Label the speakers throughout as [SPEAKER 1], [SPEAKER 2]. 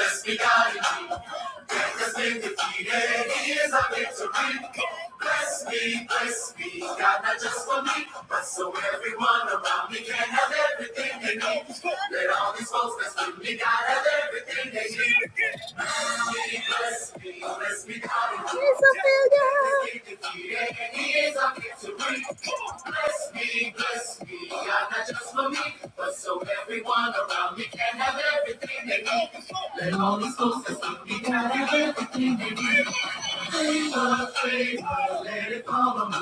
[SPEAKER 1] Bless me, God, and has been defeated. He is a victory. Bless me, bless me, God, not just for me, but so everyone around me can have everything they need. Let all these folks that's with me, God, have everything they need. Bless me, bless me, bless me, God, He's a failure. He is a victory. Bless me, bless me just me. I'm not just for me, but so everyone around me can have everything they need. Let all these folks that think we can have everything they need. Favor, favor, let it follow me.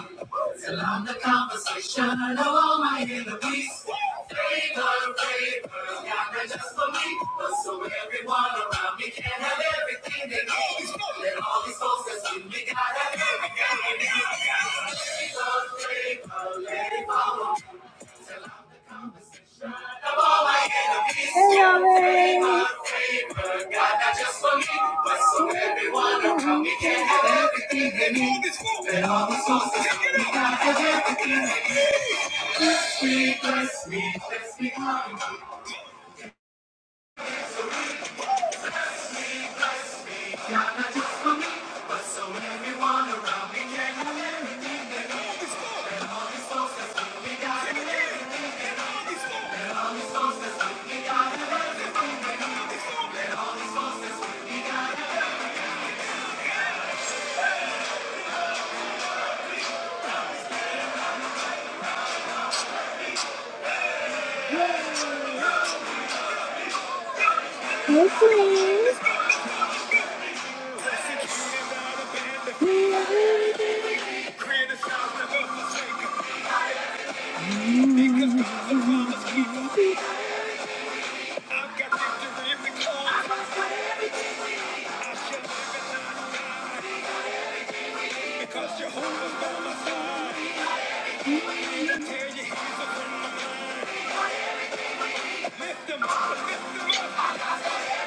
[SPEAKER 1] Till I'm the conversation of all my enemies. Favor, favor, yeah, not just for me, but so everyone around me can have everything. Hey, Hey, not so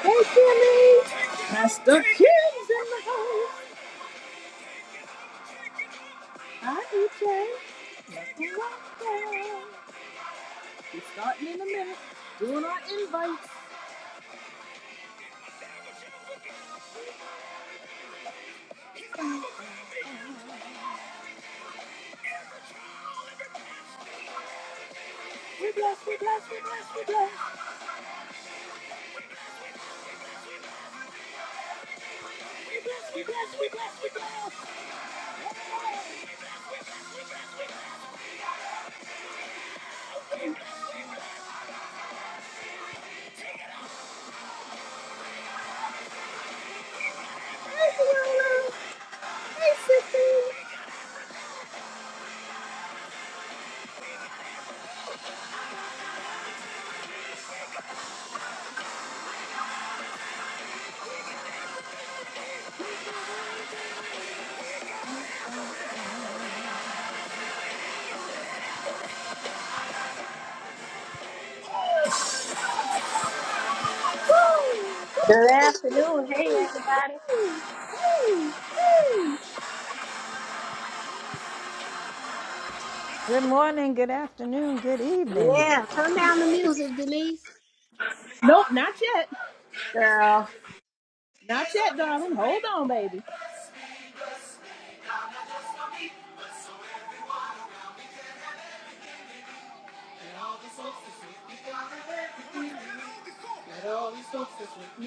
[SPEAKER 1] Hey, Kimmy. Pastor Kim's in the house. Hi, EJ. Welcome. We're starting in a minute. Doing our invites. We bless, we bless, we bless, we bless. We bless, we bless, we bless, we bless. Hey, Lulu. Hey, sister.
[SPEAKER 2] Good afternoon. Hey, everybody.
[SPEAKER 3] Good morning, good afternoon, good evening.
[SPEAKER 2] Yeah, turn down the music, Denise.
[SPEAKER 1] Nope, not yet.
[SPEAKER 2] Girl.
[SPEAKER 1] Not yet, darling. Hold on, baby. All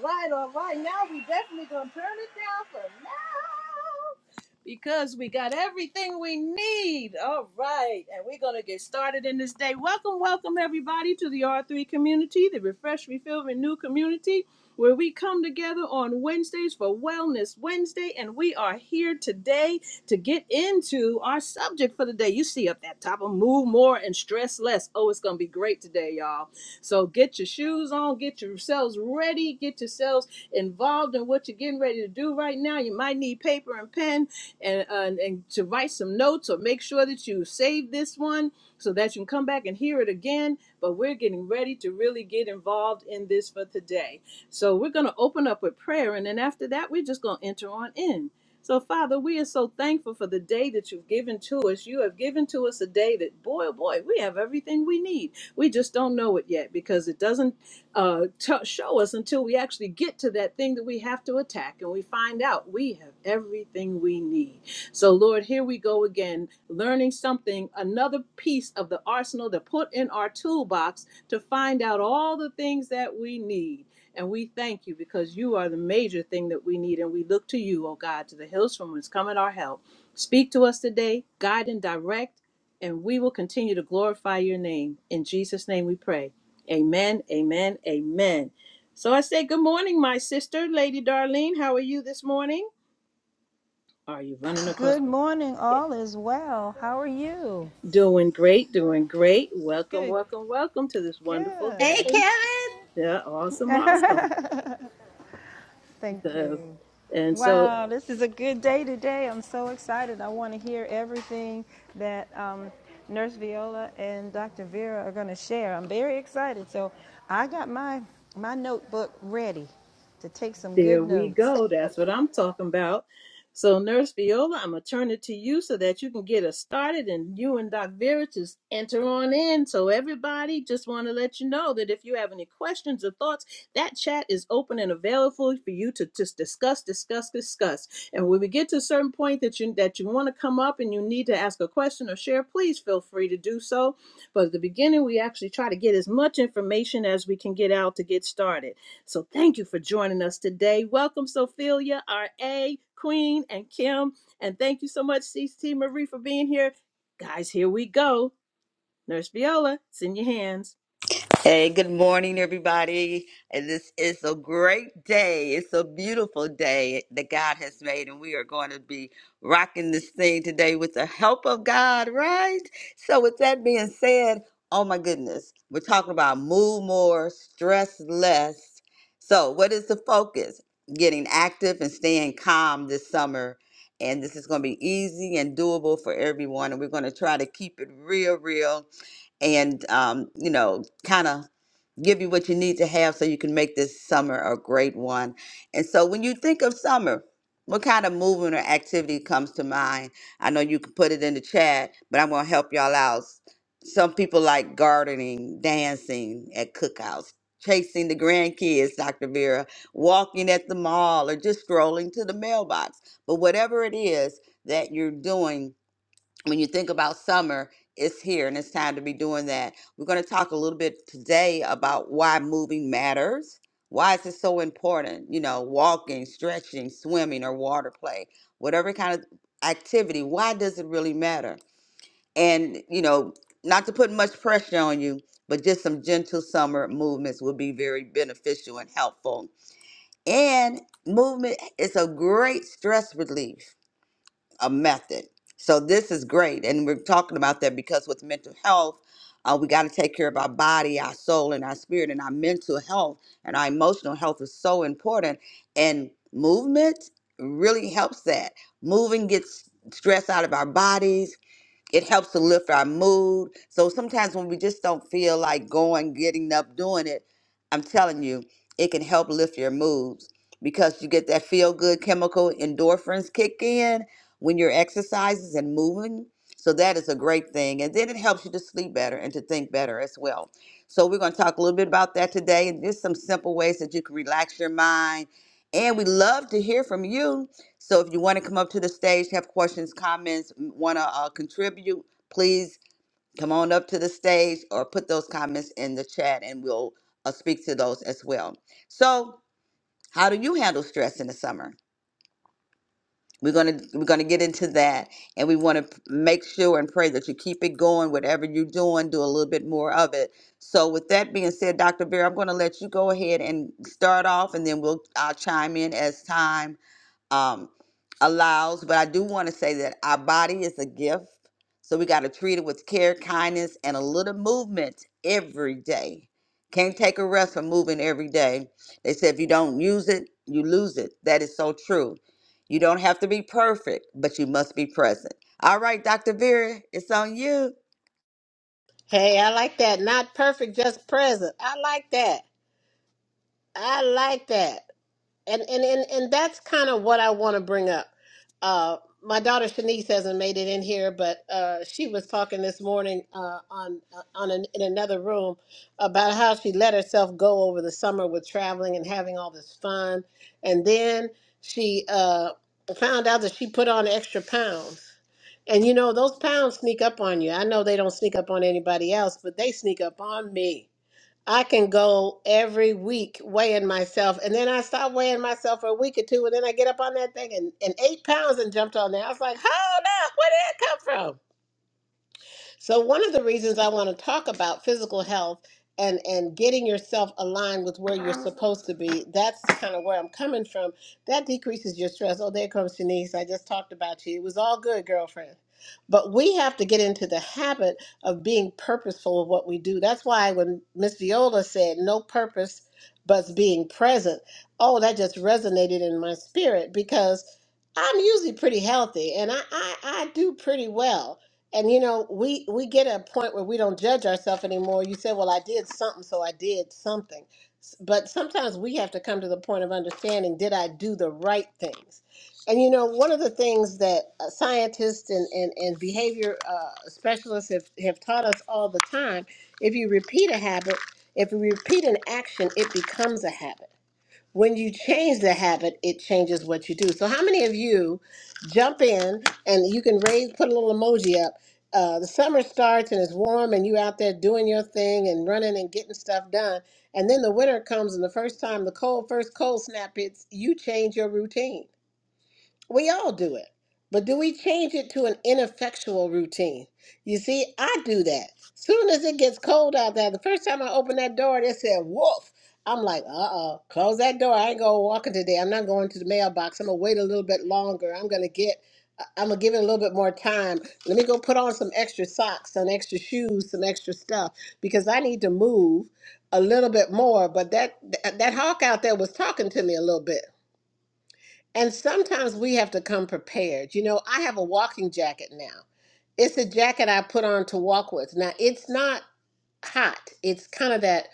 [SPEAKER 1] right, all right. Now we definitely gonna turn it down for now because we got everything we need. All right, and we're gonna get started in this day. Welcome, welcome everybody to the R3 community, the Refresh, Refill, Renew community, where we come together on Wednesdays for Wellness Wednesday, and we are here today to get into our subject for the day. You see up that top of move more and stress less. Oh, it's gonna be great today, y'all. So get your shoes on, get yourselves ready, get yourselves involved in what you're getting ready to do right now. You might need paper and pen and, uh, and and to write some notes or make sure that you save this one so that you can come back and hear it again. But we're getting ready to really get involved in this for today. So we're going to open up with prayer, and then after that, we're just going to enter on in. So, Father, we are so thankful for the day that you've given to us. You have given to us a day that, boy, oh boy, we have everything we need. We just don't know it yet because it doesn't uh, t- show us until we actually get to that thing that we have to attack and we find out we have everything we need. So, Lord, here we go again, learning something, another piece of the arsenal to put in our toolbox to find out all the things that we need. And we thank you because you are the major thing that we need. And we look to you, oh God, to the hills from whence cometh our help. Speak to us today, guide and direct, and we will continue to glorify your name. In Jesus' name we pray. Amen, amen, amen. So I say, Good morning, my sister, Lady Darlene. How are you this morning? Are you running across?
[SPEAKER 3] Good morning, all is well. How are you?
[SPEAKER 1] Doing great, doing great. Welcome,
[SPEAKER 3] Good,
[SPEAKER 1] welcome, welcome to this wonderful
[SPEAKER 2] Hey,
[SPEAKER 1] day.
[SPEAKER 3] good.
[SPEAKER 2] Kevin.
[SPEAKER 1] Yeah, awesome, awesome.
[SPEAKER 3] Thank
[SPEAKER 1] So,
[SPEAKER 3] you.
[SPEAKER 1] and so
[SPEAKER 3] Wow, this is a good day today. I'm so excited. I want to hear everything that um, Nurse Viola and Dr. Vera are going to share. I'm very excited. So I got my my notebook ready to take some
[SPEAKER 1] There
[SPEAKER 3] good
[SPEAKER 1] we
[SPEAKER 3] notes.
[SPEAKER 1] go. That's what I'm talking about. So, Nurse Viola, I'm going to turn it to you so that you can get us started and you and Doc Vera just enter on in. So, everybody, just want to let you know that if you have any questions or thoughts, that chat is open and available for you to just discuss, discuss, discuss. And when we get to a certain point that you that you want to come up and you need to ask a question or share, please feel free to do so. But at the beginning, we actually try to get as much information as we can get out to get started. So thank you for joining us today. Welcome, Sophia, RA, Queen, and Kim. And thank you so much, CC Marie, for being here. Guys, here we go. Nurse Viola, it's in your hands.
[SPEAKER 4] Hey, good morning, everybody. And this is a great day. It's a beautiful day that God has made, and we are going to be rocking this thing today with the help of God, right? So, with that being said, oh my goodness, we're talking about move more, stress less. So, what is the focus? Getting active and staying calm this summer. And this is going to be easy and doable for everyone. And we're going to try to keep it real, real and um, you know, kind of give you what you need to have so you can make this summer a great one. And so when you think of summer, what kind of movement or activity comes to mind? I know you can put it in the chat, but I'm going to help y'all out. Some people like gardening, dancing at cookouts, chasing the grandkids, Dr. Vera, walking at the mall, or just strolling to the mailbox. But whatever it is that you're doing, when you think about summer, it's here and it's time to be doing that. We're going to talk a little bit today about why moving matters. Why is it so important? You know, walking, stretching, swimming, or water play, whatever kind of activity, why does it really matter? And, you know, not to put much pressure on you, but just some gentle summer movements will be very beneficial and helpful. And movement is a great stress relief a method. So this is great, and we're talking about that because with mental health, uh, we got to take care of our body, our soul, and our spirit, and our mental health and our emotional health is so important. And movement really helps that. Moving gets stress out of our bodies it helps to lift our mood. So sometimes when we just don't feel like going, getting up, doing it, I'm telling you, it can help lift your moods because you get that feel good chemical endorphins kick in when you're exercises and moving. So that is a great thing. And then it helps you to sleep better and to think better as well. So we're going to talk a little bit about that today and just some simple ways that you can relax your mind. And we love to hear from you so if you want to come up to the stage, have questions, comments, want to uh, contribute, please come on up to the stage or put those comments in the chat and we'll uh, speak to those as well. So, how do you handle stress in the summer? We're going to we're going to get into that and we want to make sure and pray that you keep it going whatever you're doing, do a little bit more of it. So, with that being said, Dr. Vera, I'm going to let you go ahead and start off and then we'll I'll chime in as time um, allows. But I do want to say that our body is a gift. So we got to treat it with care, kindness, and a little movement every day. Can't take a rest from moving every day. They said if you don't use it, you lose it. That is so true. You don't have to be perfect, but you must be present. All right, Dr. Vera, it's on you.
[SPEAKER 2] Hey, I like that. Not perfect, just present. I like that. I like that. and and and, and that's kind of what I want to bring up. Uh, my daughter Shanice hasn't made it in here, but uh, she was talking this morning uh, on uh, on an, in another room about how she let herself go over the summer with traveling and having all this fun, and then she uh, found out that she put on extra pounds. And you know those pounds sneak up on you. I know they don't sneak up on anybody else, but they sneak up on me I can go every week weighing myself, and then I stop weighing myself for a week or two, and then I get up on that thing and, and eight pounds and jumped on there. I was like, hold up, where did that come so one of the reasons I want to talk about physical health and and getting yourself aligned with where you're supposed to be, that's kind of where I'm coming from. That decreases your stress. Oh, there comes Shanice. I just talked about you. It was all good, girlfriend. But we have to get into the habit of being purposeful of what we do. That's why when Miss Viola said no purpose but being present, oh, that just resonated in my spirit because I'm usually pretty healthy and I, I, I do pretty well and you know, we we get a point where we don't judge ourselves anymore. You say, "Well, I did something, so I did something." S- But sometimes we have to come to the point of understanding, did I do the right things? And you know, one of the things that uh, scientists and and, and behavior uh, specialists have, have taught us all the time, if you repeat a habit, if you repeat an action, it becomes a habit when you change the habit, it changes what you do. So, how many of you jump in and you can raise, put a little emoji up? Uh, the summer starts and it's warm, and you out there doing your thing and running and getting stuff done. And then the winter comes, and the first time the cold, first cold snap hits, you change your routine we all do it. But do we change it to an ineffectual routine? You see, I do that. Soon as it gets cold out there, the first time I open that door, they said, woof. I'm like, uh uh close that door. I ain't going walking today. I'm not going to the mailbox. I'm going to wait a little bit longer. I'm going to get, I- I'm going to give it a little bit more time. Let me go put on some extra socks, some extra shoes, some extra stuff because I need to move a little bit more. But that, that, that hawk out there was talking to me a little bit. And sometimes we have to come prepared. You know, I have a walking jacket now. It's a jacket I put on to walk with. Now, it's not hot. It's kind of that.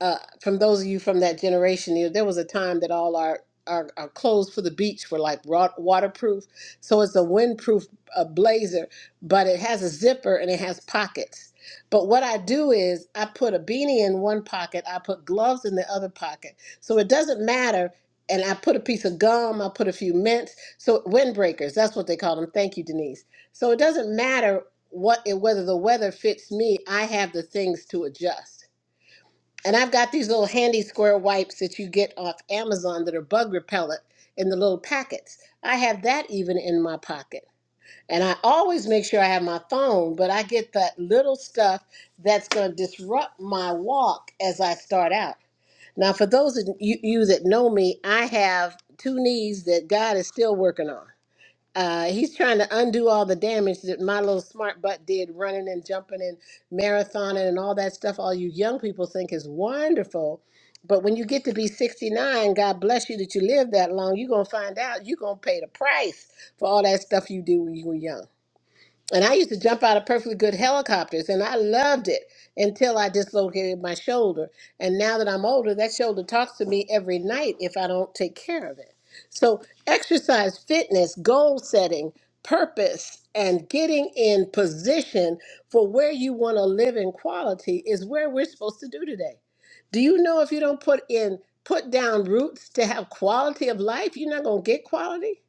[SPEAKER 2] Uh, from those of you from that generation, you know, there was a time that all our our, our clothes for the beach were like wa- waterproof. So it's a windproof uh, blazer, but it has a zipper and it has pockets. But what I do is I put a beanie in one pocket, I put gloves in the other pocket. So it doesn't matter. And I put a piece of gum, I put a few mints. So windbreakers, that's what they call them. Thank you, Denise. So it doesn't matter what and whether the weather fits me, I have the things to adjust. And I've got these little handy square wipes that you get off Amazon that are bug repellent in the little packets. I have that even in my pocket. And I always make sure I have my phone, but I get that little stuff that's going to disrupt my walk as I start out. Now, for those of you, you that know me, I have two knees that God is still working on. Uh, he's trying to undo all the damage that my little smart butt did running and jumping and marathoning and all that stuff all you young people think is wonderful. But when you get to be 69, God bless you that you live that long, you're going to find out you're going to pay the price for all that stuff you did when you were young. And I used to jump out of perfectly good helicopters, and I loved it until I dislocated my shoulder. And now that I'm older, that shoulder talks to me every night if I don't take care of it. So, exercise, fitness, goal setting, purpose, and getting in position for where you want to live in quality is where we're supposed to do today. Do you know if you don't put in put down roots to have quality of life, you're not going to get quality?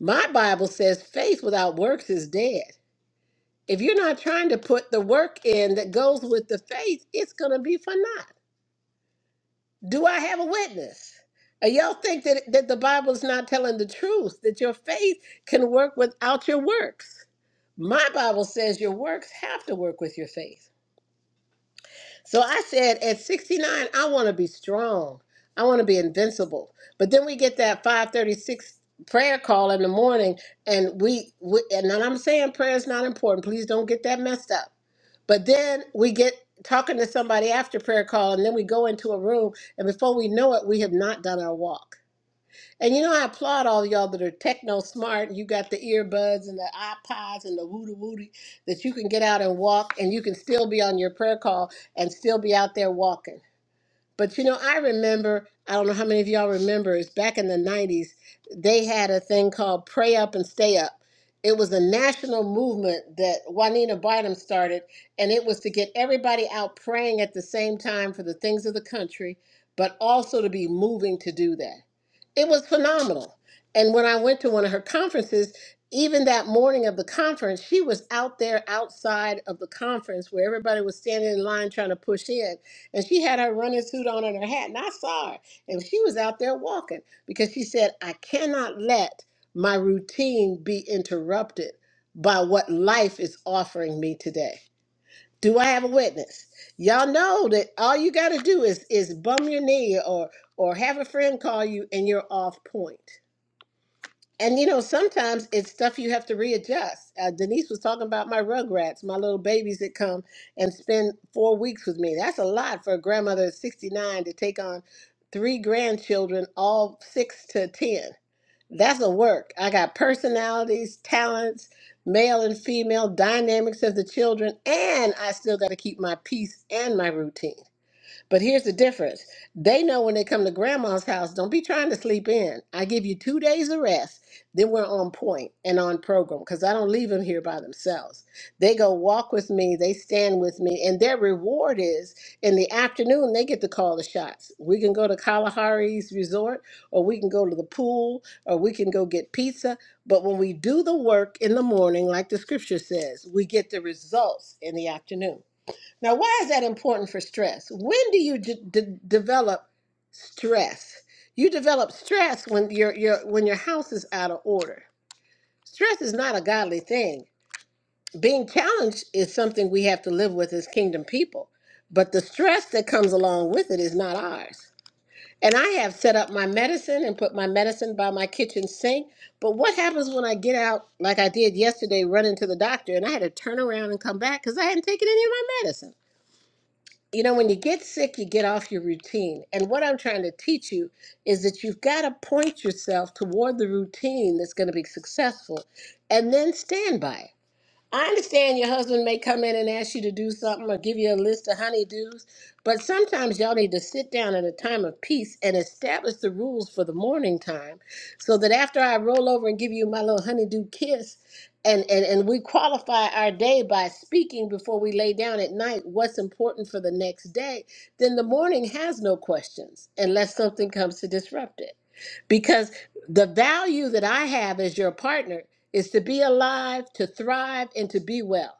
[SPEAKER 2] My Bible says faith without works is dead. If you're not trying to put the work in that goes with the faith, it's going to be for naught. Do I have a witness? And y'all think that, that the Bible is not telling the truth, that your faith can work without your works. My Bible says your works have to work with your faith. So I said, at 69, I want to be strong. I want to be invincible. But then we get that 536 prayer call in the morning, and we, we and I'm saying prayer is not important. Please don't get that messed up. But then we get talking to somebody after prayer call, and then we go into a room, and before we know it, we have not done our walk. And you know, I applaud all y'all that are techno smart. You got the earbuds and the iPods and the woody woody that you can get out and walk, and you can still be on your prayer call and still be out there walking. But you know, I remember, I don't know how many of y'all remember, it's back in the 90s, they had a thing called Pray Up and Stay Up. It was a national movement that Juanita Bynum started, and it was to get everybody out praying at the same time for the things of the country, but also to be moving to do that. It was phenomenal. And when I went to one of her conferences, even that morning of the conference, she was out there outside of the conference where everybody was standing in line trying to push in and she had her running suit on and her hat, and I saw her. And she was out there walking because she said, I cannot let my routine be interrupted by what life is offering me today. Do I have a witness? Y'all know that all you gotta do is is bum your knee or or have a friend call you and you're off point. And you know, sometimes it's stuff you have to readjust. Uh, Denise was talking about my rugrats, my little babies that come and spend four weeks with me. That's a lot for a grandmother at 69 to take on three grandchildren, all six to 10. That's a work. I got personalities, talents, male and female dynamics of the children, and I still got to keep my peace and my routine. But here's the difference. They know when they come to grandma's house, don't be trying to sleep in. I give you two days of rest. Then we're on point and on program because I don't leave them here by themselves. They go walk with me, they stand with me, and their reward is in the afternoon, they get to call the shots. We can go to Kalahari's resort, or we can go to the pool, or we can go get pizza. But when we do the work in the morning, like the scripture says, we get the results in the afternoon. Now, why is that important for stress? When do you d- d- develop stress? You develop stress when your your when your house is out of order. Stress is not a godly thing. Being challenged is something we have to live with as kingdom people, but the stress that comes along with it is not ours. And I have set up my medicine and put my medicine by my kitchen sink. But what happens when I get out, like I did yesterday, running to the doctor, and I had to turn around and come back because I hadn't taken any of my medicine? you know, when you get sick, you get off your routine. And what I'm trying to teach you is that you've got to point yourself toward the routine that's going to be successful and then stand by it. I understand your husband may come in and ask you to do something or give you a list of honeydews, but sometimes y'all need to sit down at a time of peace and establish the rules for the morning time so that after I roll over and give you my little honeydew kiss, and, and, and we qualify our day by speaking before we lay down at night what's important for the next day, then the morning has no questions unless something comes to disrupt it because the value that I have as your partner is to be alive, to thrive, and to be well.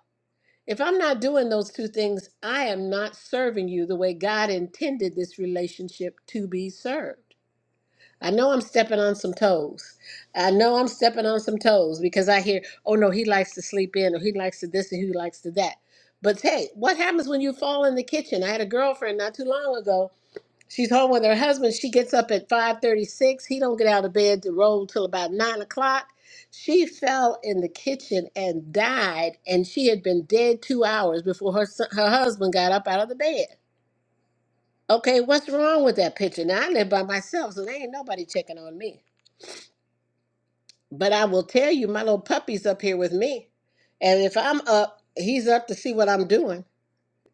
[SPEAKER 2] If I'm not doing those two things, I am not serving you the way God intended this relationship to be served. I know I'm stepping on some toes. I know I'm stepping on some toes because I hear, oh no, he likes to sleep in, or he likes to this, and he likes to that. But hey, what happens when you fall in the kitchen? I had a girlfriend not too long ago She's home with her husband. She gets up at 5:36. He don't get out of bed to roll till about nine o'clock. She fell in the kitchen and died, and she had been dead two hours before her son, her husband got up out of the bed. Okay, what's wrong with that picture? Now I live by myself, so there ain't nobody checking on me. But I will tell you, my little puppy's up here with me, and if I'm up, he's up to see what I'm doing.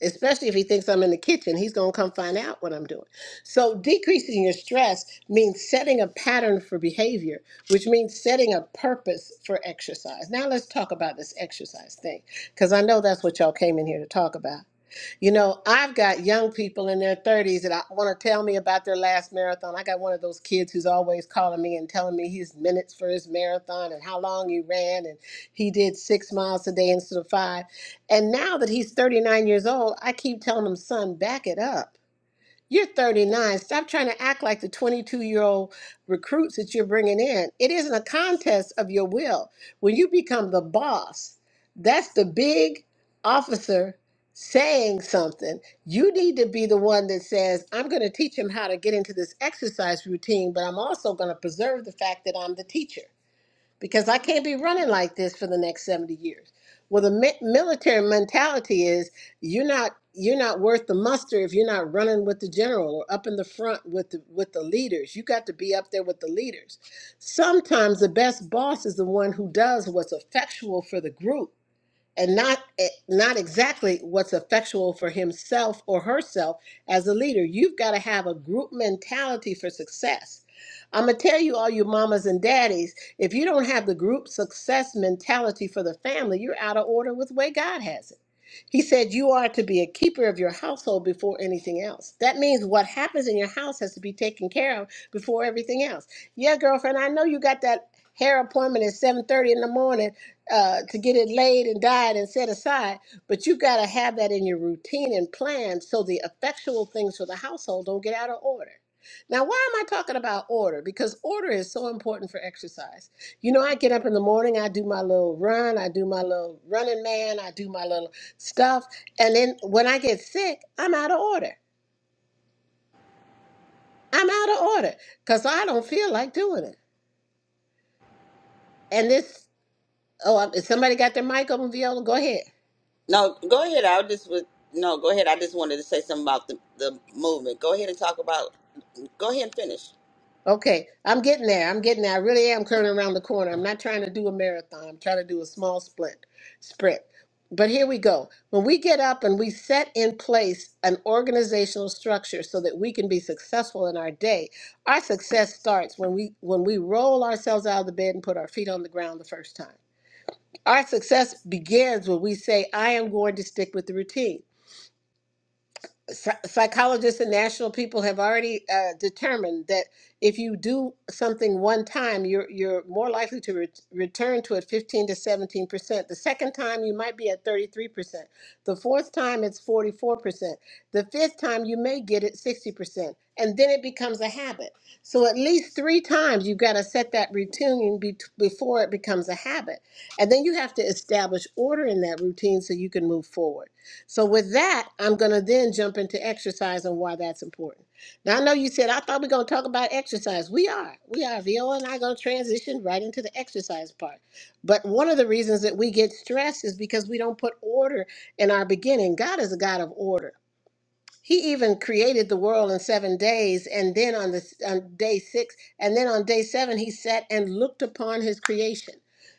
[SPEAKER 2] especially if he thinks I'm in the kitchen, he's going to come find out what I'm doing. So, decreasing your stress means setting a pattern for behavior, which means setting a purpose for exercise. Now, let's talk about this exercise thing, because I know that's what y'all came in here to talk about. You know, I've got young people in their 30s that I want to tell me about their last marathon. I got one of those kids who's always calling me and telling me his minutes for his marathon and how long he ran and he did 6 miles a day instead of 5. And now that he's 39 years old, I keep telling him, "Son, back it up." You're 39. Stop trying to act like the 22 year old recruits that you're bringing in. It isn't a contest of your will. When you become the boss, that's the big officer saying something. You need to be the one that says, I'm going to teach him how to get into this exercise routine, but I'm also going to preserve the fact that I'm the teacher because I can't be running like this for the next 70 years. Well, the mi- military mentality is you're not you're not worth the muster if you're not running with the general or up in the front with the, with the leaders. You got to be up there with the leaders. Sometimes the best boss is the one who does what's effectual for the group and not eh, not exactly what's effectual for himself or herself as a leader. You've got to have a group mentality for success. I'm gonna tell you, all you mamas and daddies, if you don't have the group success mentality for the family, you're out of order with the way God has it. He said, You are to be a keeper of your household before anything else. That means what happens in your house has to be taken care of before everything else. Yeah, girlfriend, I know you got that hair appointment at 7.30 in the morning uh, to get it laid and dyed and set aside, but you got to have that in your routine and plan so the effectual things for the household don't get out of order. Now, why am I talking about order? Because order is so important for exercise. You know, I get up in the morning, I do my little run, I do my little running man, I do my little stuff. And then when I get sick, I'm out of order. I'm out of order because I don't feel like doing it. And this, oh, um, somebody got their mic open, Viola? Go ahead.
[SPEAKER 4] No, go ahead. I just was no, go ahead. I just wanted to say something about the, the movement. Go ahead and talk about. Go ahead and finish.
[SPEAKER 2] Okay, I'm getting there. I'm getting there. I really am turning around the corner. I'm not trying to do a marathon. I'm trying to do a small sprint. Sprint. But here we go. When we get up and we set in place an organizational structure so that we can be successful in our day, our success starts when we when we roll ourselves out of the bed and put our feet on the ground the first time. Our success begins when we say, I am going to stick with the routine psy- psychologists and national people have already uh, determined that if you do something one time, you're you're more likely to re- return to it 15 to 17 percent. The second time, you might be at 33 percent. The fourth time, it's 44 percent. The fifth time, you may get it 60 percent, and then it becomes a habit. So at least three times, you've got to set that routine be- before it becomes a habit, and then you have to establish order in that routine so you can move forward. So with that, I'm going to then jump into exercise and why that's important. Now I know you said I thought we are going to talk about exercise. We are. We are. Viola and I are going to transition right into the exercise part. But one of the reasons that we get stressed is because we don't put order in our beginning. God is a God of order he even created the world in seven days and then on the on day six and then on day seven he sat and looked upon his creation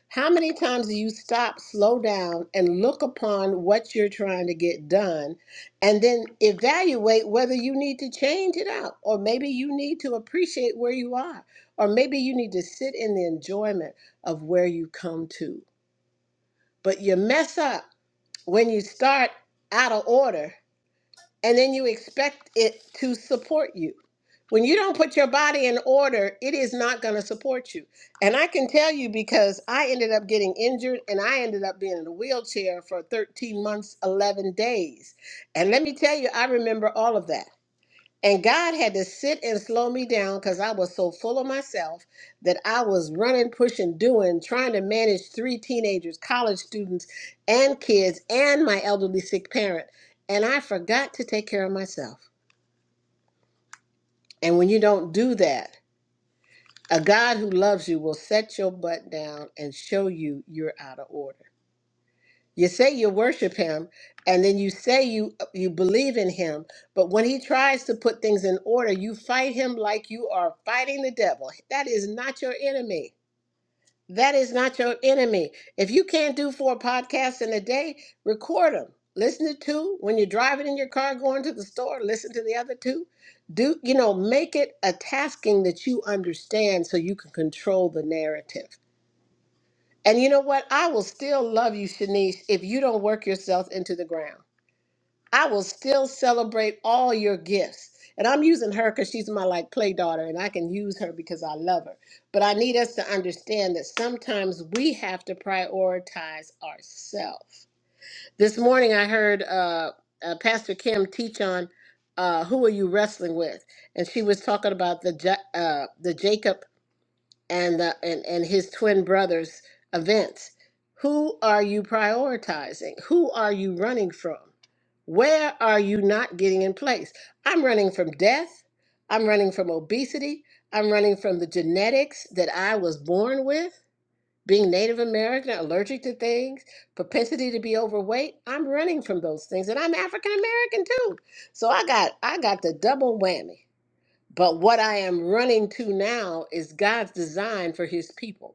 [SPEAKER 2] how many times do you stop slow down and look upon what you're trying to get done and then evaluate whether you need to change it out or maybe you need to appreciate where you are or maybe you need to sit in the enjoyment of where you come to but you mess up when you start out of order and then you expect it to support you. When you don't put your body in order, it is not going to support you. And I can tell you because I ended up getting injured and I ended up being in a wheelchair for 13 months, 11 days. And let me tell you, I remember all of that. And God had to sit and slow me down because I was so full of myself that I was running, pushing, doing, trying to manage three teenagers, college students, and kids, and my elderly sick parent. And I forgot to take care of myself. And when you don't do that, a God who loves you will set your butt down and show you you're out of order. You say you worship him, and then you say you you believe in him, but when he tries to put things in order, you fight him like you are fighting the devil. That is not your enemy. That is not your enemy. If you can't do four podcasts in a day, record them. Listen to two when you're driving in your car going to the store. Listen to the other two. Do you know? Make it a tasking that you understand so you can control the narrative. And you know what? I will still love you, Shanice, if you don't work yourself into the ground. I will still celebrate all your gifts. And I'm using her because she's my like play daughter and I can use her because I love her. But I need us to understand that sometimes we have to prioritize ourselves. This morning I heard uh, uh, Pastor Kim teach on uh, who are you wrestling with? And she was talking about the, Ja- uh, the Jacob and the and, and his twin brother's events who are you prioritizing who are you running from where are you not getting in place i'm running from death i'm running from obesity i'm running from the genetics that i was born with being native american allergic to things propensity to be overweight i'm running from those things and i'm african american too so i got i got the double whammy but what I am running to now is God's design for his people.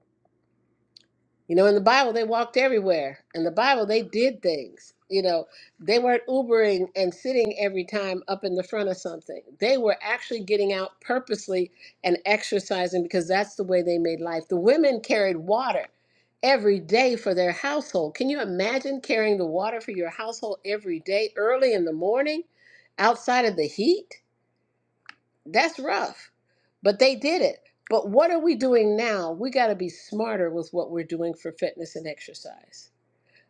[SPEAKER 2] You know, in the Bible, they walked everywhere. In the Bible, they did things. You know, they weren't Ubering and sitting every time up in the front of something. They were actually getting out purposely and exercising because that's the way they made life. The women carried water every day for their household. Can you imagine carrying the water for your household every day, early in the morning, outside of the heat? That's rough, but they did it. But what are we doing now? We got to be smarter with what we're doing for fitness and exercise.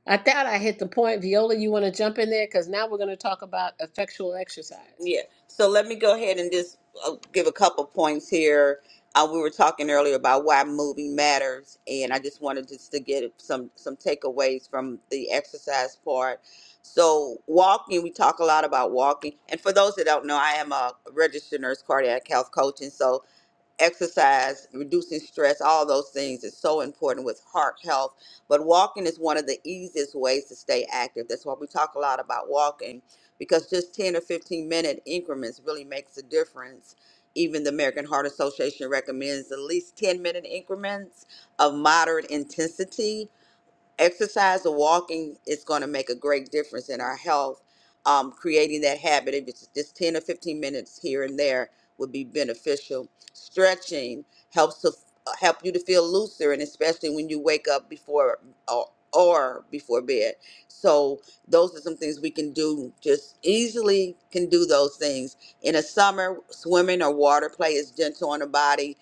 [SPEAKER 2] I thought I hit the point. Viola, you want to jump in there? Because now we're going to talk about effectual exercise.
[SPEAKER 4] Yeah. So let me go ahead and just uh, give a couple points here. Uh, we were talking earlier about why moving matters, and I just wanted just to get some some takeaways from the exercise part. So walking, we talk a lot about walking, and for those that don't know, I am a registered nurse cardiac health coach, and so exercise, reducing stress, all those things is so important with heart health. But walking is one of the easiest ways to stay active. That's why we talk a lot about walking because just 10 or 15 minute increments really makes a difference. Even the American Heart Association recommends at least 10 minute increments of moderate intensity exercise or walking is going to make a great difference in our health. Um, creating that habit, if it's just 10 or 15 minutes here and there, would be beneficial. Stretching helps to help you to feel looser, and especially when you wake up before or, or before bed. So those are some things we can do. Just easily can do those things in the summer. Swimming or water play is gentle on the body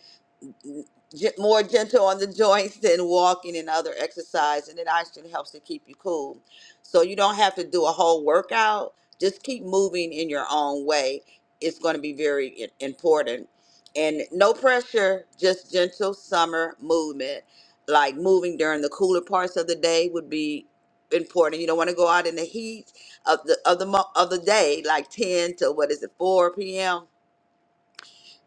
[SPEAKER 4] ge- more gentle on the joints than walking and other exercise, and it actually helps to keep you cool. So you don't have to do a whole workout. Just keep moving in your own way. It's going to be very i- important. And no pressure, just gentle summer movement. Like moving during the cooler parts of the day would be important. You don't want to go out in the heat of the of the mo- of the day, like ten to what is it, four p.m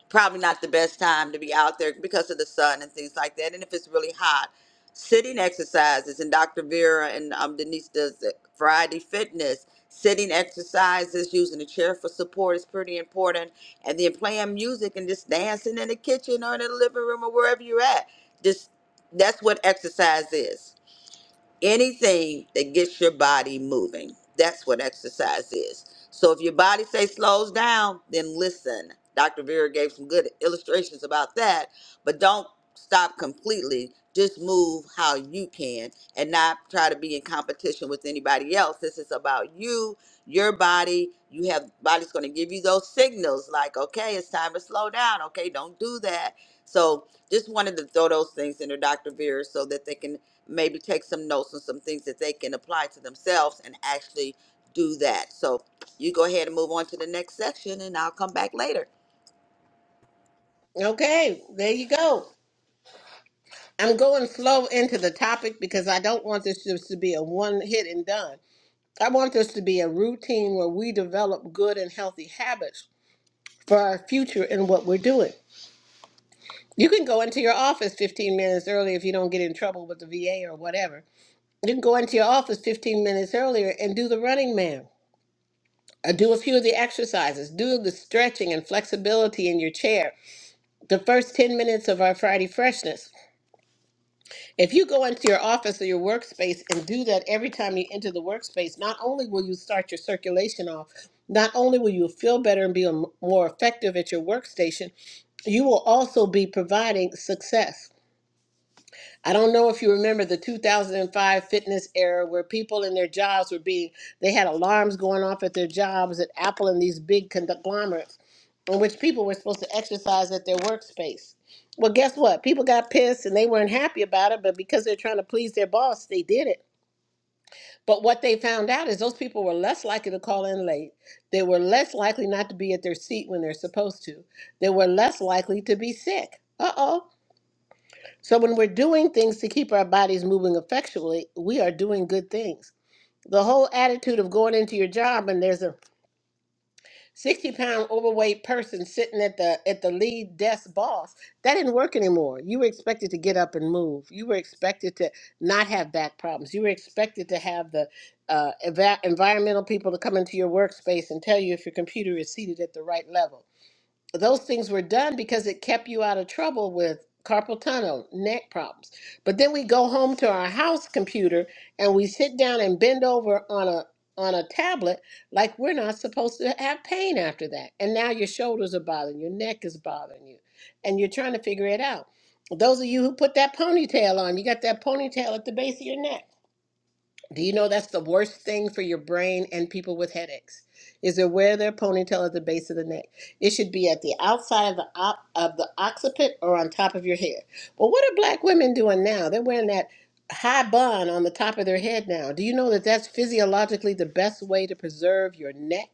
[SPEAKER 4] probably not the best time to be out there because of the sun and things like that. And if it's really hot, sitting exercises and Dr. Vera and um, Denise does the Friday Fitness. Sitting exercises, using a chair for support is pretty important. And then playing music and just dancing in the kitchen or in the living room or wherever you're at. Just that's what exercise is anything that gets your body moving. That's what exercise is. So if your body say slows down, then listen. Dr. Vera gave some good illustrations about that, but don't stop completely. Just move how you can and not try to be in competition with anybody else. This is about you, your body. You have body's going to give you those signals like, okay, it's time to slow down. Okay, don't do that. So just wanted to throw those things into Dr. Vera so that they can maybe take some notes on some things that they can apply to themselves and actually do that. So you go ahead and move on to the next section, and I'll come back later.
[SPEAKER 2] Okay, there you go. I'm going slow into the topic because I don't want this just to be a one hit and done. I want this to be a routine where we develop good and healthy habits for our future and what we're doing. You can go into your office 15 minutes early if you don't get in trouble with the VA or whatever. You can go into your office 15 minutes earlier and do the running man. Uh, Do a few of the exercises, do the stretching and flexibility in your chair. The first 10 minutes of our Friday freshness. If you go into your office or your workspace and do that every time you enter the workspace, not only will you start your circulation off, not only will you feel better and be a m- more effective at your workstation, you will also be providing success. I don't know if you remember the 2005 fitness era where people in their jobs would be, they had alarms going off at their jobs at Apple and these big conglomerates in which people were supposed to exercise at their workspace. Well, guess what? People got pissed and they weren't happy about it, but because they're trying to please their boss, they did it. But what they found out is those people were less likely to call in late. They were less likely not to be at their seat when they're supposed to. They were less likely to be sick. Uh oh so when we're doing things to keep our bodies moving effectually, we are doing good things. The whole attitude of going into your job and there's a 60 pound overweight person sitting at the at the lead desk boss, that didn't work anymore. You were expected to get up and move. You were expected to not have back problems. You were expected to have the uh, eva- environmental people to come into your workspace and tell you if your computer is seated at the right level those things were done because it kept you out of trouble with carpal tunnel, neck problems. But then we go home to our house computer and we sit down and bend over on a on a tablet like we're not supposed to have pain after that. And now your shoulders are bothering, your neck is bothering you, and you're trying to figure it out. Those of you who put that ponytail on, you got that ponytail at the base of your neck do you know that's the worst thing for your brain and people with headaches? Is to wear their ponytail at the base of the neck. It should be at the outside of the op- of the occiput or on top of your head. Well, what are black women doing now? They're wearing that high bun on the top of their head now. Do you know that that's physiologically the best way to preserve your neck?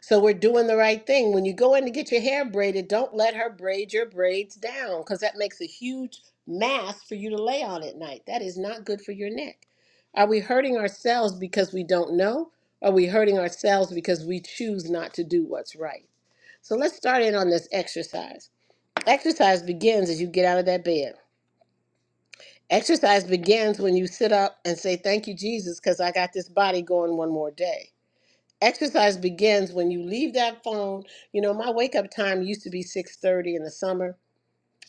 [SPEAKER 2] So we're doing the right thing. When you go in to get your hair braided, don't let her braid your braids down because that makes a huge mass for you to lay on at night. That is not good for your neck. Are we hurting ourselves because we don't know? Are we hurting ourselves because we choose not to do what's right? So let's start in on this exercise. Exercise begins as you get out of that bed. Exercise begins when you sit up and say, Thank you, Jesus, because I got this body going one more day. Exercise begins when you leave that phone. You know, my wake up time used to be 6:30 in the summer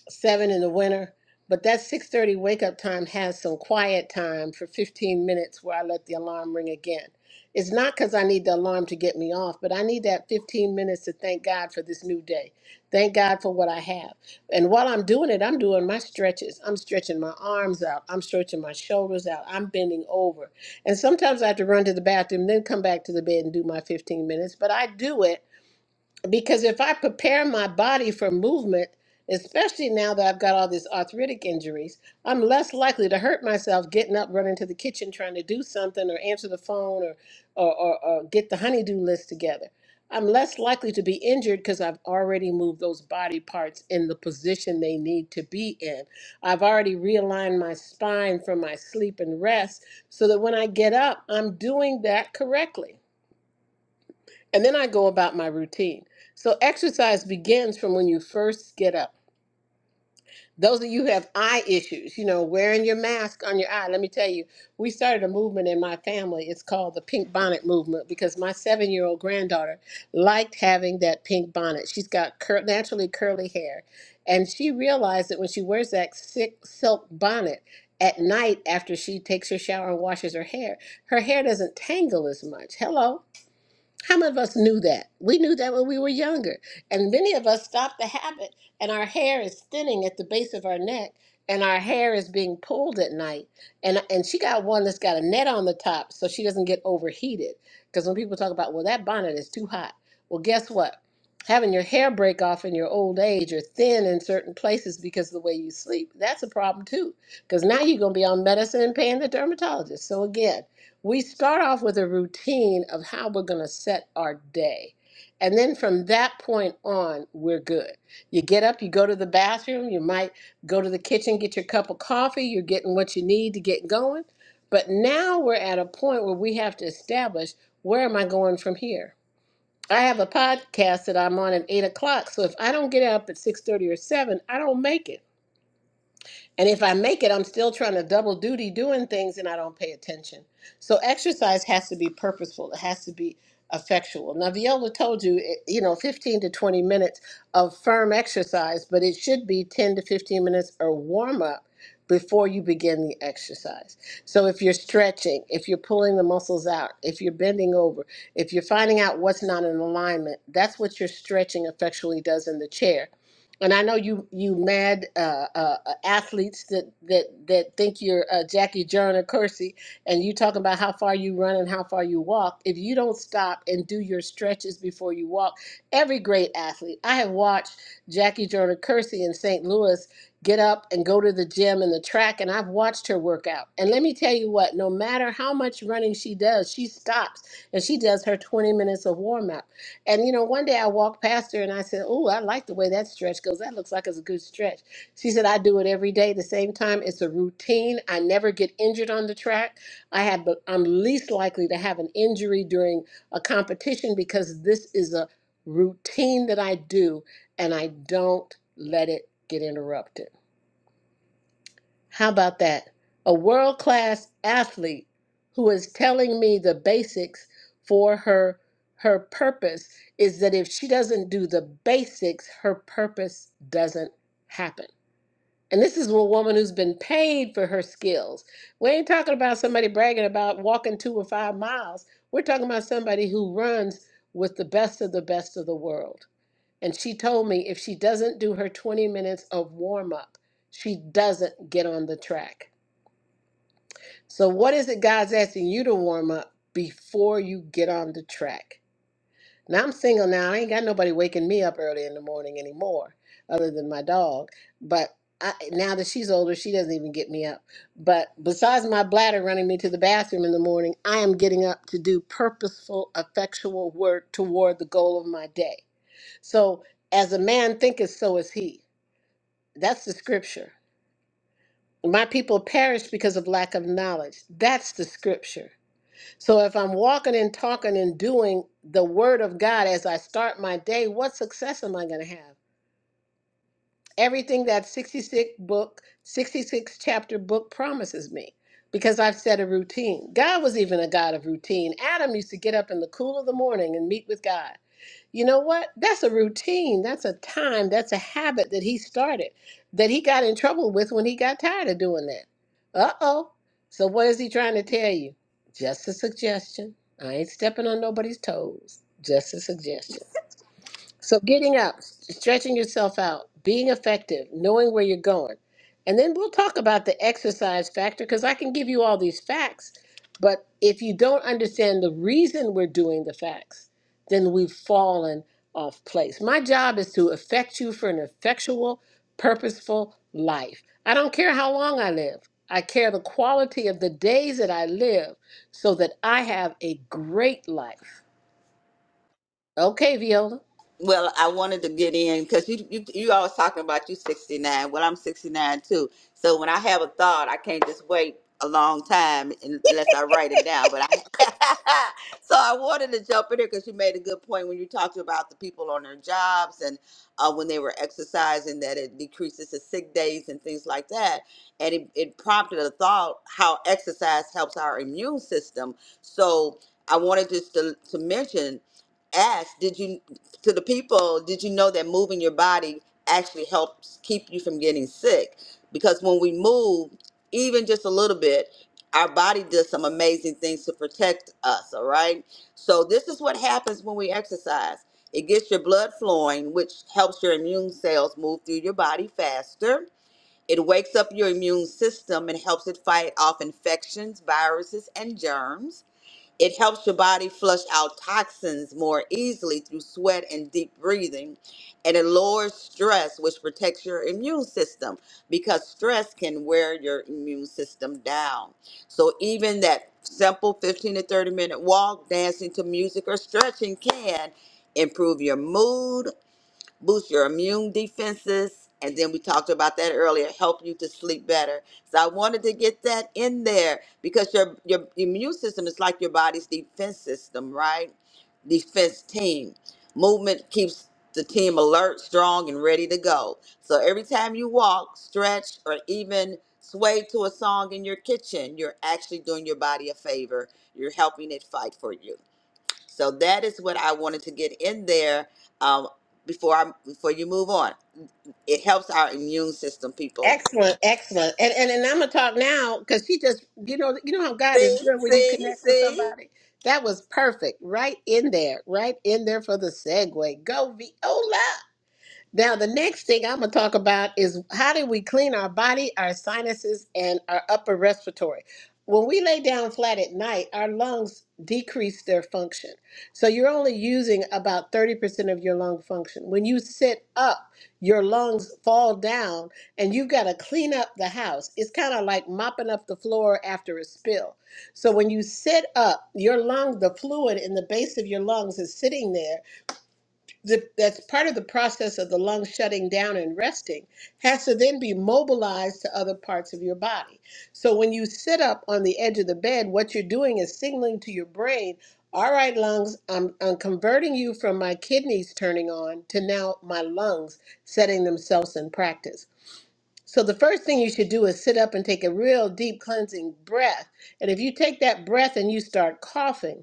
[SPEAKER 2] seven in the winter. But that six thirty wake up time has some quiet time for fifteen minutes where I let the alarm ring again. It's not because I need the alarm to get me off, but I need that fifteen minutes to thank God for this new day. Thank God for what I have. And while I'm doing it, I'm doing my stretches. I'm stretching my arms out. I'm stretching my shoulders out. I'm bending over. And sometimes I have to run to the bathroom, then come back to the bed and do my 15 minutes. But I do it because if I prepare my body for movement, especially now that I've got all these arthritic injuries, I'm less likely to hurt myself getting up, running to the kitchen, trying to do something, or answer the phone, or or, or, or get the honeydew list together. I'm less likely to be injured because I've already moved those body parts in the position they need to be in. I've already realigned my spine from my sleep and rest so that when I get up, I'm doing that correctly. And then I go about my routine. So exercise begins from when you first get up. Those of you who have eye issues, you know, wearing your mask on your eye. Let me tell you, we started a movement in my family. It's called the pink bonnet movement because my seven year old granddaughter liked having that pink bonnet. She's got cur- naturally curly hair. And she realized that when she wears that sick silk bonnet at night after she takes her shower and washes her hair, her hair doesn't tangle as much. Hello how many of us knew that? We knew that when we were younger. And many of us stopped the habit, and our hair is thinning at the base of our neck, and our hair is being pulled at night. And, and she got one that's got a net on the top so she doesn't get overheated. Because when people talk about, well, that bonnet is too hot. Well, guess what? Having your hair break off in your old age or thin in certain places because of the way you sleep, that's a problem too. Because now you're going to be on medicine and paying the dermatologist. So, again, we start off with a routine of how we're going to set our day. And then from that point on, we're good. You get up, you go to the bathroom, you might go to the kitchen, get your cup of coffee, you're getting what you need to get going. But now we're at a point where we have to establish where am I going from here? I have a podcast that I'm on at eight o'clock. So if I don't get up at six thirty or seven, I don't make it. And if I make it, I'm still trying to double duty doing things and I don't pay attention. So exercise has to be purposeful, it has to be effectual. Now, Viola told you, it- you know, 15 to 20 minutes of firm exercise, but it should be 10 to 15 minutes or warm up before you begin the exercise. So if you're stretching, if you're pulling the muscles out, if you're bending over, if you're finding out what's not in alignment, that's what your stretching effectually does in the chair and I know you you mad uh, uh, uh, athletes that that that think you're uh, Jackie Joyner Kersey, and you talking about how far you run and how far you walk. If you don't stop and do your stretches before you walk, every great athlete I have watched Jackie Joyner Kersey in St. Louis get up and go to the gym and the track, and I've watched her work out. And let me tell you what, no matter how much running she does, she stops and she does her 20 minutes of warm up. And you know, one day I walked past her and I said, Oh, I like the way that stretch goes. That looks like it's a good stretch. She said, I do it every day, the same time. It's a routine. I never get injured on the track. I have the I'm least likely to have an injury during a competition because this is a routine that I do and I don't let it get interrupted. How about that? A world class athlete who is telling me the basics for her her purpose is that if she doesn't do the basics, her purpose doesn't happen. And this is a woman who's been paid for her skills. We ain't talking about somebody bragging about walking two or five miles. We're talking about somebody who runs with the best of the best of the world. And she told me if she doesn't do her 20 minutes of warm up, she doesn't get on the track. So, what is it God's asking you to warm up before you get on the track? Now, I'm single now. I ain't got nobody waking me up early in the morning anymore, other than my dog. But I, now that she's older, she doesn't even get me up. But besides my bladder running me to the bathroom in the morning, I am getting up to do purposeful, effectual work toward the goal of my day. So, as a man thinketh, so is he. That's the scripture. My people perish because of lack of knowledge. That's the scripture So if I'm walking and talking and doing the word of God as I start my day, what success am I going to have? Everything that 66 book, 66 chapter book promises me because I've set a routine. God was even a God of routine. Adam used to get up in the cool of the morning and meet with God. You know what? That's a routine. That's a time. That's a habit that he started that he got in trouble with when he got tired of doing that. Uh oh. So, what is he trying to tell you? Just a suggestion. I ain't stepping on nobody's toes. Just a suggestion. So getting out, stretching yourself out, being effective, knowing where you're going. And then we'll talk about the exercise factor because I can give you all these facts, but if you don't understand the reason we're doing the facts, then we've fallen off place. My job is to affect you for an effectual, purposeful life. I don't care how long I live. I care the quality of the days that I live so that I have a great life. Okay, Viola.
[SPEAKER 4] Well, I wanted to get in because you, you you always talking about you 69. Well, I'm 69 too. So when I have a thought, I can't just wait a long time unless I write it down. But I so I wanted to jump in here because you made a good point when you talked about the people on their jobs and uh, when they were exercising that it decreases the sick days and things like that. And it, it prompted a thought how exercise helps our immune system. So I wanted just to, to mention ask did you to the people, did you know that moving your body actually helps keep you from getting sick? Because when we move, even just a little bit, our body does some amazing things to protect us, all right? So, this is what happens when we exercise it gets your blood flowing, which helps your immune cells move through your body faster. It wakes up your immune system and helps it fight off infections, viruses, and germs. It helps your body flush out toxins more easily through sweat and deep breathing. And it lowers stress, which protects your immune system because stress can wear your immune system down. So, even that simple 15 to 30 minute walk, dancing to music, or stretching can improve your mood, boost your immune defenses. And then we talked about that earlier, help you to sleep better. So I wanted to get that in there because your your immune system is like your body's defense system, right? Defense team. Movement keeps the team alert, strong, and ready to go. So every time you walk, stretch, or even sway to a song in your kitchen, you're actually doing your body a favor. You're helping it fight for you. So that is what I wanted to get in there um, before I before you move on. It helps our immune system, people.
[SPEAKER 2] Excellent, excellent. And and, and I'm gonna talk now because she just you know you know how God is
[SPEAKER 4] See,
[SPEAKER 2] good when you
[SPEAKER 4] see,
[SPEAKER 2] connect with
[SPEAKER 4] see.
[SPEAKER 2] somebody. That was perfect. Right in there, right in there for the segue. Go Viola. Now, the next thing I'm going to talk about is how do we clean our body, our sinuses, and our upper respiratory. When we lay down flat at night, our lungs decrease their function. So you're only using about 30% of your lung function. When you sit up, your lungs fall down and you've got to clean up the house. It's kind of like mopping up the floor after a spill. So when you sit up, your lung, the fluid in the base of your lungs is sitting there the, that's part of the process of the lung shutting down and resting has to then be mobilized to other parts of your body. So when you sit up on the edge of the bed, what you're doing is signaling to your brain, all right, lungs, I'm, I'm converting you from my kidneys turning on to now my lungs setting themselves in practice. So the first thing you should do is sit up and take a real deep cleansing breath. And if you take that breath and you start coughing,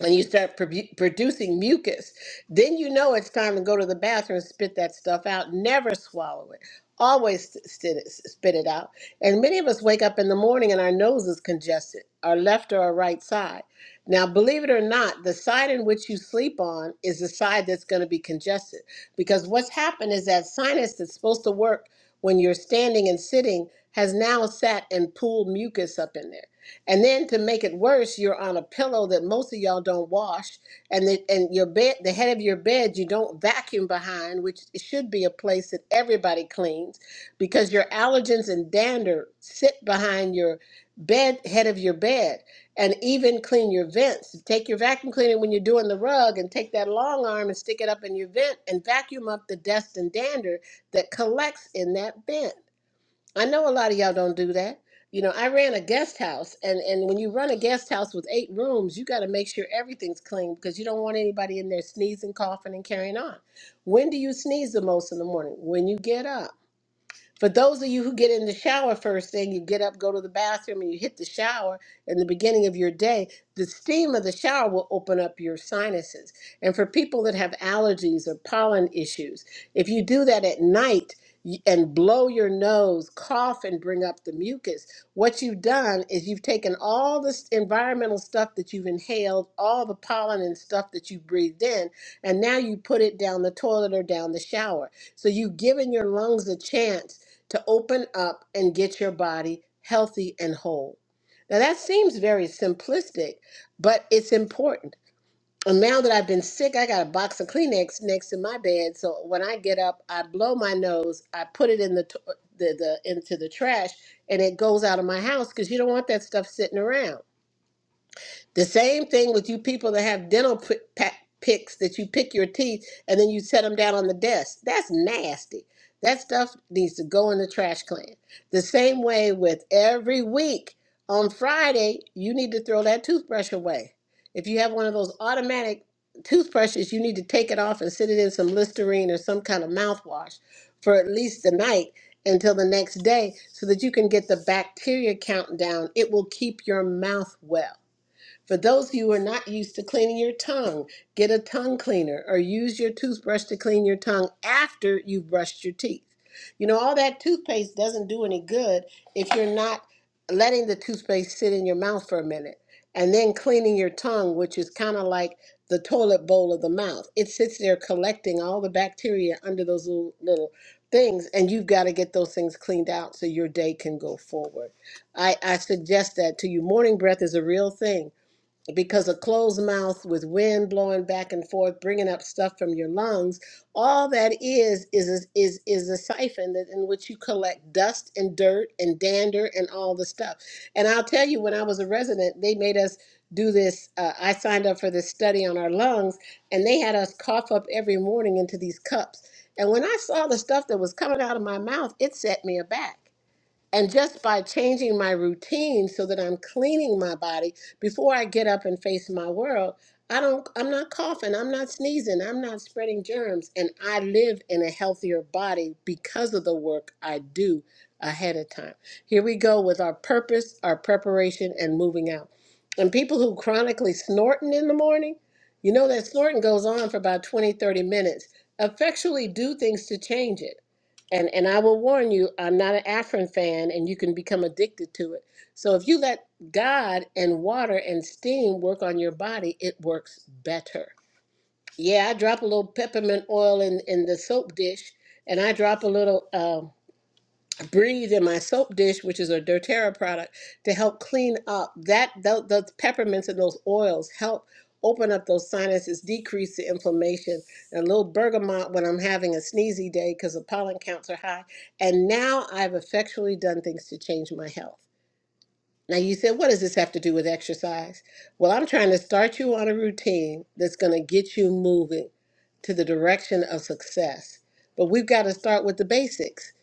[SPEAKER 2] and you start produ- producing mucus, then you know it's time to go to the bathroom and spit that stuff out. Never swallow it. Always s- spit it, spit it out. And many of us wake up in the morning and our nose is congested, our left or our right side. Now, believe it or not, the side in which you sleep on is the side that's going to be congested because what's happened is that sinus that's supposed to work when you're standing and sitting has now sat and pulled mucus up in there. And then to make it worse, you're on a pillow that most of y'all don't wash, and the, and your bed, the head of your bed, you don't vacuum behind, which should be a place that everybody cleans, because your allergens and dander sit behind your bed, head of your bed, and even clean your vents. Take your vacuum cleaner when you're doing the rug, and take that long arm and stick it up in your vent, and vacuum up the dust and dander that collects in that vent. I know a lot of y'all don't do that. You know, I ran a guest house, and and when you run a guest house with eight rooms, you got to make sure everything's clean because you don't want anybody in there sneezing, coughing, and carrying on. When do you sneeze the most in the morning? When you get up. For those of you who get in the shower first thing, you get up, go to the bathroom, and you hit the shower in the beginning of your day, the steam of the shower will open up your sinuses. And for people that have allergies or pollen issues, if you do that at night y- and blow your nose, cough, and bring up the mucus, what you've done is you've taken all this environmental stuff that you've inhaled, all the pollen and stuff that you breathed in, and now you put it down the toilet or down the shower. So you've given your lungs a chance to open up and get your body healthy and whole. Now, that seems very simplistic, but it's important. And now that I've been sick, I got a box of Kleenex next to my bed. So when I get up, I blow my nose, I put it in the, to- the, the into the trash, and it goes out of my house because you don't want that stuff sitting around. The same thing with you people that have dental p- pa- picks that you pick your teeth and then you set them down on the desk. That's nasty. That stuff needs to go in the trash can. The same way with every week on Friday, you need to throw that toothbrush away. If you have one of those automatic toothbrushes, you need to take it off and sit it in some Listerine or some kind of mouthwash for at least the night until the next day so that you can get the bacteria count down. It will keep your mouth well for those of you who are not used to cleaning your tongue, get a tongue cleaner or use your toothbrush to clean your tongue after you've brushed your teeth. You know, all that toothpaste doesn't do any good if you're not letting the toothpaste sit in your mouth for a minute and then cleaning your tongue, which is kind of like the toilet bowl of the mouth. It sits there collecting all the bacteria under those little, little things, and you've got to get those things cleaned out so your day can go forward. I, I suggest that to you. Morning breath is a real thing because a closed mouth with wind blowing back and forth, bringing up stuff from your lungs, all that is is is is a siphon that in which you collect dust and dirt and dander and all the stuff. And I'll tell you, when I was a resident, they made us do this. Uh, I signed up for this study on our lungs, and they had us cough up every morning into these cups. And when I saw the stuff that was coming out of my mouth, it set me aback. And just by changing my routine so that I'm cleaning my body before I get up and face my world, I don't I'm not coughing, I'm not sneezing, I'm not spreading germs and I live in a healthier body because of the work I do ahead of time. Here we go with our purpose, our preparation and moving out. And people who chronically snorting in the morning, you know that snorting goes on for about 20, 30 minutes, effectually do things to change it. And and I will warn you, I'm not an Afrin fan, and you can become addicted to it. So if you let God and water and steam work on your body, it works better. Yeah, I drop a little peppermint oil in in the soap dish, and I drop a little. um, Breathe in my soap dish, which is a doTERRA product, to help clean up that those, those peppermints and those oils help open up those sinuses, decrease the inflammation, and a little bergamot when I'm having a sneezy day because the pollen counts are high. And now I've effectually done things to change my health. Now, you said, what does this have to do with exercise? Well, I'm trying to start you on a routine that's going to get you moving to the direction of success. But we've got to start with the basics.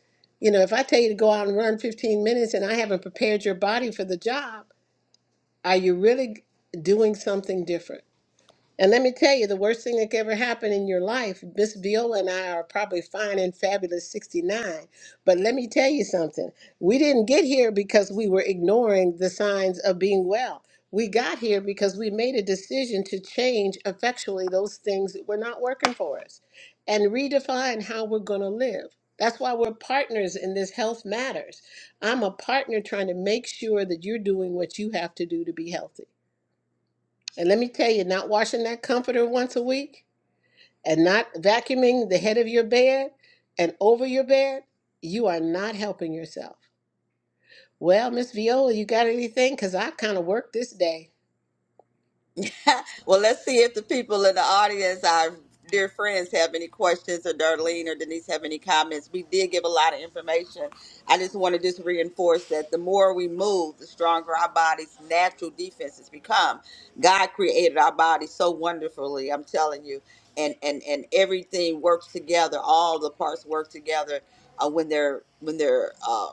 [SPEAKER 2] You know, if I tell you to go out and run 15 minutes and I haven't prepared your body for the job, are you really doing something different? And let me tell you, the worst thing that could ever happen in your life, Miss Viola and I are probably fine and fabulous 69. But let me tell you something. We didn't get here because we were ignoring the signs of being well. We got here because we made a decision to change effectually those things that were not working for us and redefine how we're going to live. That's why we're partners in this health matters. I'm a partner trying to make sure that you're doing what you have to do to be healthy. And let me tell you, not washing that comforter once a week and not vacuuming the head of your bed and over your bed, you are not helping yourself. Well, Miss Viola, you got anything? Because I kind of worked this day.
[SPEAKER 4] well, let's see if the people in the audience, our dear friends, have any questions, or Darlene or Denise have any comments. We did give a lot of information. I just want to just reinforce that the more we move, the stronger our body's natural defenses become. God created our body so wonderfully. I'm telling you, and and and everything works together. All the parts work together uh, when they're when they're uh,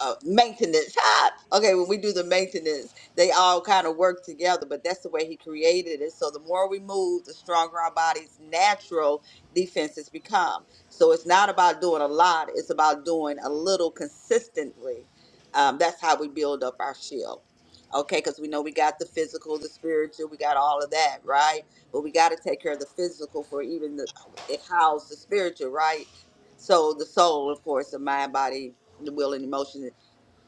[SPEAKER 4] uh, maintenance. Ah! Okay, when we do the maintenance, they all kind of work together, but that's the way he created it. So the more we move, the stronger our body's natural defenses become. So it's not about doing a lot, it's about doing a little consistently. Um, that's how we build up our shield. Okay, because we know we got the physical, the spiritual, we got all of that, right? But we got to take care of the physical for even the, it housed the spiritual, right? So the soul, of course, the mind, body, the will and emotion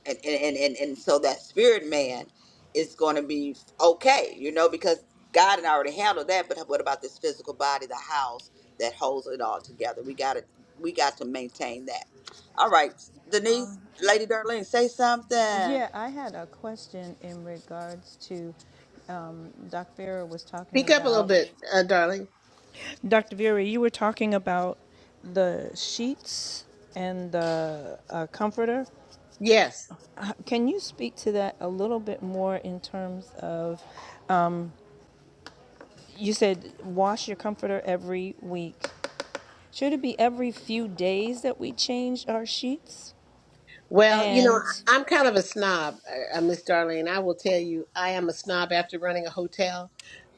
[SPEAKER 4] and and and and, and so that spirit man is going to be okay you know because god had already handled that but what about this physical body the house that holds it all together we got to we got to maintain that all right denise lady darlene say something
[SPEAKER 3] Yeah, I had a question in regards to um, Dr. Vera was talking
[SPEAKER 2] Speak up a little
[SPEAKER 3] about.
[SPEAKER 2] bit, uh, darling.
[SPEAKER 3] Dr. Vera, you were talking about the sheets and the uh, comforter.
[SPEAKER 2] Yes.
[SPEAKER 3] Uh, Can you speak to that a little bit more in terms of? Um, you said wash your comforter every week. Should it be every few days that we change our sheets?
[SPEAKER 2] Well, you know,
[SPEAKER 3] And
[SPEAKER 2] I'm kind of a snob, uh, uh, Miss Darlene. I will tell you, I am a snob after running a hotel.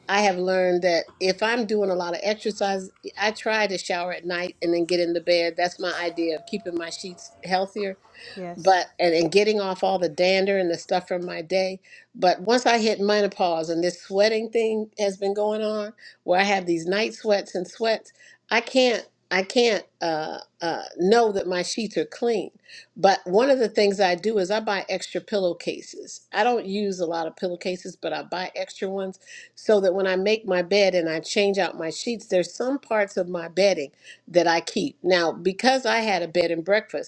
[SPEAKER 2] I have learned that if I'm doing a lot of exercise, I try to shower at night and then get into bed. That's my idea of keeping my sheets healthier
[SPEAKER 3] yes.
[SPEAKER 2] but and, and getting off all the dander and the stuff from my day. But once I hit menopause and this sweating thing has been going on, where I have these night sweats and sweats, I can't I can't uh, uh, know that my sheets are clean. But one of the things I do is I buy extra pillowcases. I don't use a lot of pillowcases, but I buy extra ones so that when I make my bed and I change out my sheets, there's some parts of my bedding that I keep. Now, because I had a bed and breakfast.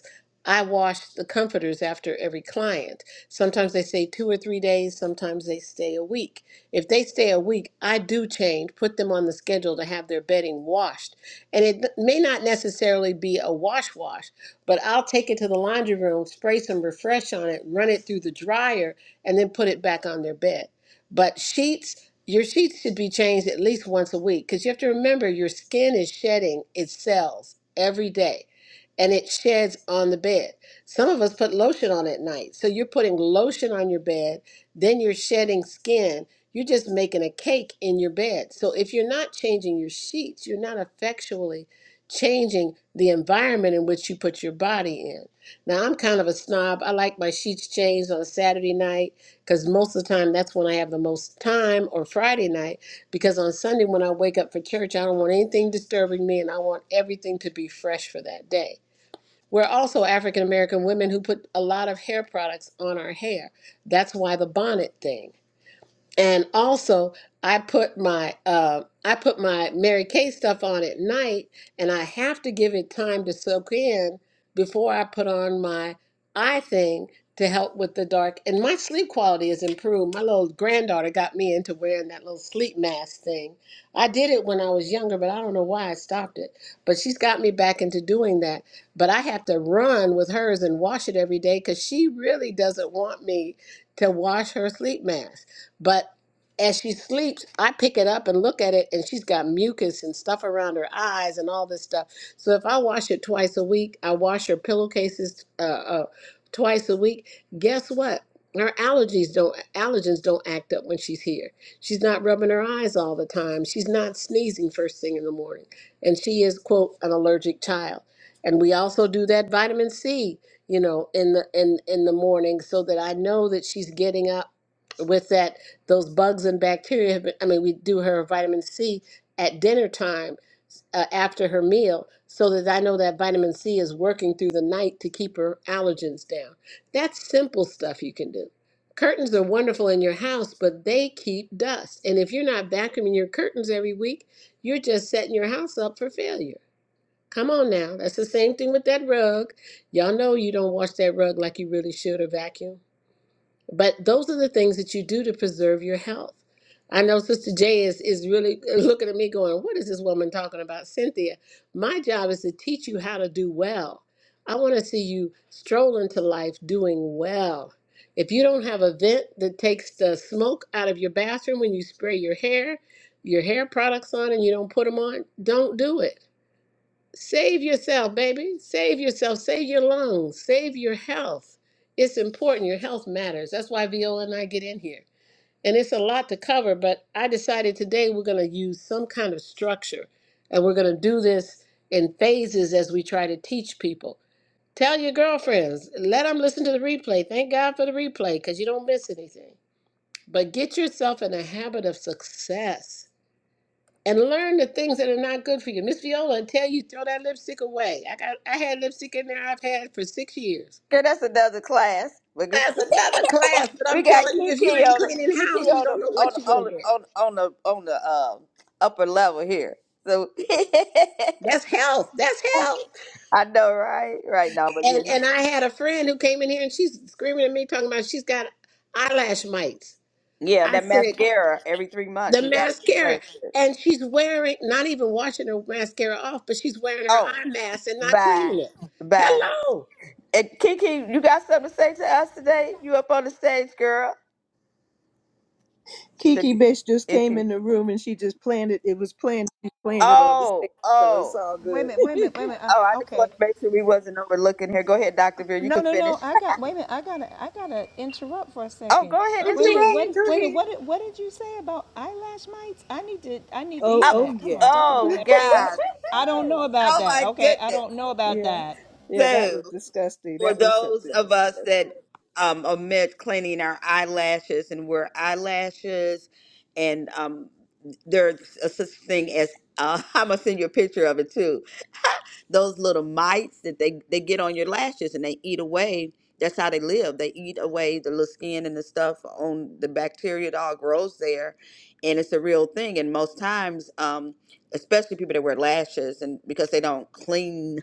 [SPEAKER 2] I wash the comforters after every client. Sometimes they stay two or three days, sometimes they stay a week. If they stay a week, I do change, put them on the schedule to have their bedding washed. And it may not necessarily be a wash wash, but I'll take it to the laundry room, spray some refresh on it, run it through the dryer, and then put it back on their bed. But sheets, your sheets should be changed at least once a week because you have to remember your skin is shedding its cells every day and it sheds on the bed. Some of us put lotion on at night. So you're putting lotion on your bed, then you're shedding skin. You're just making a cake in your bed. So if you're not changing your sheets, you're not effectually changing the environment in which you put your body in. Now, I'm kind of a snob. I like my sheets changed on a Saturday night because most of the time that's when I have the most time, or Friday night, because on Sunday when I wake up for church, I don't want anything disturbing me and I want everything to be fresh for that day. We're also African American women who put a lot of hair products on our hair. That's why the bonnet thing and also I put my uh, I put my Mary Kay stuff on at night, and I have to give it time to soak in before I put on my eye thing to help with the dark. And my sleep quality has improved. My little granddaughter got me into wearing that little sleep mask thing. I did it when I was younger, but I don't know why I stopped it. But she's got me back into doing that. But I have to run with hers and wash it every day because she really doesn't want me to wash her sleep mask. But as she sleeps, I pick it up and look at it, and she's got mucus and stuff around her eyes and all this stuff. So if I wash it twice a week, I wash her pillowcases uh, uh, twice a week. Guess what? Her allergies don't allergens don't act up when she's here. She's not rubbing her eyes all the time. She's not sneezing first thing in the morning, and she is quote an allergic child. And we also do that vitamin C, you know, in the in in the morning, so that I know that she's getting up with that those bugs and bacteria have been, I mean, we do her vitamin C at dinner time uh, after her meal so that I know that vitamin C is working through the night to keep her allergens down. That's simple stuff you can do. Curtains are wonderful in your house, but they keep dust. And if you're not vacuuming your curtains every week, you're just setting your house up for failure. Come on now. That's the same thing with that rug. Y'all know you don't wash that rug like you really should or vacuum. But those are the things that you do to preserve your health. I know Sister Jay is, is really looking at me going, What is this woman talking about, Cynthia? My job is to teach you how to do well. I want to see you stroll into life doing well. If you don't have a vent that takes the smoke out of your bathroom when you spray your hair, your hair products on, and you don't put them on, don't do it Save yourself, baby. Save yourself. Save your lungs. Save your health. It's important. Your health matters. That's why Viola and I get in here. And it's a lot to cover, but I decided today we're going to use some kind of structure and we're going to do this in phases as we try to teach people. Tell your girlfriends, let them listen to the replay. Thank God for the replay because you don't miss anything. But get yourself in a habit of success and learn the things that are not good for you. Miss Viola, until you throw that lipstick away. I got I had lipstick in there I've had for six years.
[SPEAKER 4] Girl, that's another class. But we
[SPEAKER 2] That's another class, but
[SPEAKER 4] we
[SPEAKER 2] I'm
[SPEAKER 4] got
[SPEAKER 2] telling you, if you
[SPEAKER 4] Kiki
[SPEAKER 2] ain't
[SPEAKER 4] on
[SPEAKER 2] cleaning
[SPEAKER 4] the Kiki
[SPEAKER 2] house, you
[SPEAKER 4] on the
[SPEAKER 2] don't know
[SPEAKER 4] on
[SPEAKER 2] what
[SPEAKER 4] the,
[SPEAKER 2] you're
[SPEAKER 4] on
[SPEAKER 2] gonna
[SPEAKER 4] the,
[SPEAKER 2] get.
[SPEAKER 4] on the, on the, on the um, upper level here. So
[SPEAKER 2] That's health. That's health.
[SPEAKER 4] I know, right? Right now, but yeah,
[SPEAKER 2] And
[SPEAKER 4] you
[SPEAKER 2] and I had a friend who came in here and she's screaming at me, talking about she's got eyelash mites.
[SPEAKER 4] Yeah,
[SPEAKER 2] I
[SPEAKER 4] that
[SPEAKER 2] said,
[SPEAKER 4] mascara every three months
[SPEAKER 2] the
[SPEAKER 4] you gotta
[SPEAKER 2] mascara.
[SPEAKER 4] replace it.
[SPEAKER 2] And she's wearing not even washing her mascara off, but she's wearing her
[SPEAKER 4] Oh,
[SPEAKER 2] eye mask and not
[SPEAKER 4] bye,
[SPEAKER 2] cleaning it.
[SPEAKER 4] bye.
[SPEAKER 2] Hello.
[SPEAKER 4] And Kiki, you got something to say to us today? You up on the stage, girl? Should,
[SPEAKER 1] Kiki bitch just
[SPEAKER 4] if
[SPEAKER 1] came
[SPEAKER 4] you,
[SPEAKER 1] in the room and she just planted. It was planned. She planted on the
[SPEAKER 4] oh,
[SPEAKER 1] stage, so it's
[SPEAKER 4] oh,
[SPEAKER 1] all
[SPEAKER 3] Wait a
[SPEAKER 1] good.
[SPEAKER 3] minute, wait a minute, wait a minute.
[SPEAKER 4] oh, I
[SPEAKER 3] Uh,
[SPEAKER 4] just
[SPEAKER 3] okay.
[SPEAKER 4] wanted to make sure we wasn't overlooking here. Go ahead, Doctor Veer. You
[SPEAKER 3] No,
[SPEAKER 4] can
[SPEAKER 3] no,
[SPEAKER 4] finish.
[SPEAKER 3] no. I got. Wait a minute. I gotta. I gotta interrupt for a
[SPEAKER 4] Oh,
[SPEAKER 3] second.
[SPEAKER 4] go ahead,
[SPEAKER 2] Oh, go
[SPEAKER 3] Wait a minute.
[SPEAKER 4] interrupt.
[SPEAKER 2] ahead,
[SPEAKER 3] What?
[SPEAKER 2] go
[SPEAKER 3] Wait a minute.
[SPEAKER 2] ahead.
[SPEAKER 3] What? did- What did you say about eyelash mites? I need to. I need to
[SPEAKER 1] oh,
[SPEAKER 4] Oh,
[SPEAKER 3] hear that.
[SPEAKER 1] oh
[SPEAKER 3] Come
[SPEAKER 1] yeah,
[SPEAKER 3] on, talk about
[SPEAKER 4] oh
[SPEAKER 3] that,
[SPEAKER 4] God.
[SPEAKER 3] please. I don't know about
[SPEAKER 4] Oh
[SPEAKER 3] that.
[SPEAKER 4] my
[SPEAKER 3] Okay, I
[SPEAKER 4] goodness.
[SPEAKER 3] don't know about
[SPEAKER 1] yeah,
[SPEAKER 3] that.
[SPEAKER 1] yeah. That
[SPEAKER 4] So,
[SPEAKER 1] was disgusting.
[SPEAKER 4] for
[SPEAKER 1] That was
[SPEAKER 4] those
[SPEAKER 1] something.
[SPEAKER 4] of us that um, omit cleaning our eyelashes and wear eyelashes, and um, there's a such thing as uh, I'm gonna send you a picture of it too. Those little mites that they they get on your lashes and they eat away. That's how they live. They eat away the little skin and the stuff on the bacteria that all grows there, and it's a real thing. And most times, um, especially people that wear lashes and because they don't clean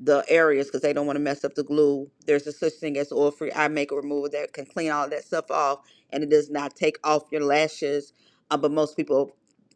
[SPEAKER 4] the areas because they don't want to mess up the glue. There's a such thing as oil free eye makeup remover that can clean all that stuff off and it does not take off your lashes. Uh, but most people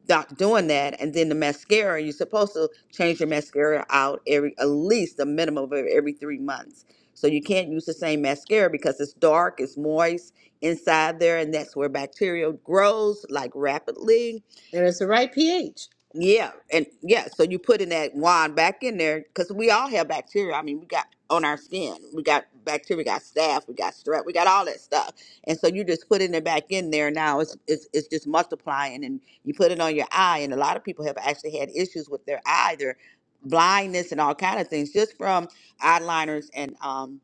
[SPEAKER 4] not doing that. And then the mascara, you're supposed to change your mascara out every at least a minimum of every three months. So you can't use the same mascara because it's dark, it's moist inside there, and that's where bacteria grows like rapidly
[SPEAKER 2] And it's the right pH.
[SPEAKER 4] yeah, and yeah, so you putting that wand back in there because we all have bacteria. I mean, we got on our skin, we got bacteria, we got staph, we got strep, we got all that stuff. And so you just putting it back in there now. It's it's it's just multiplying, and you put it on your eye. And a lot of people have actually had issues with their eye, their blindness, and all kind of things just from eyeliners and um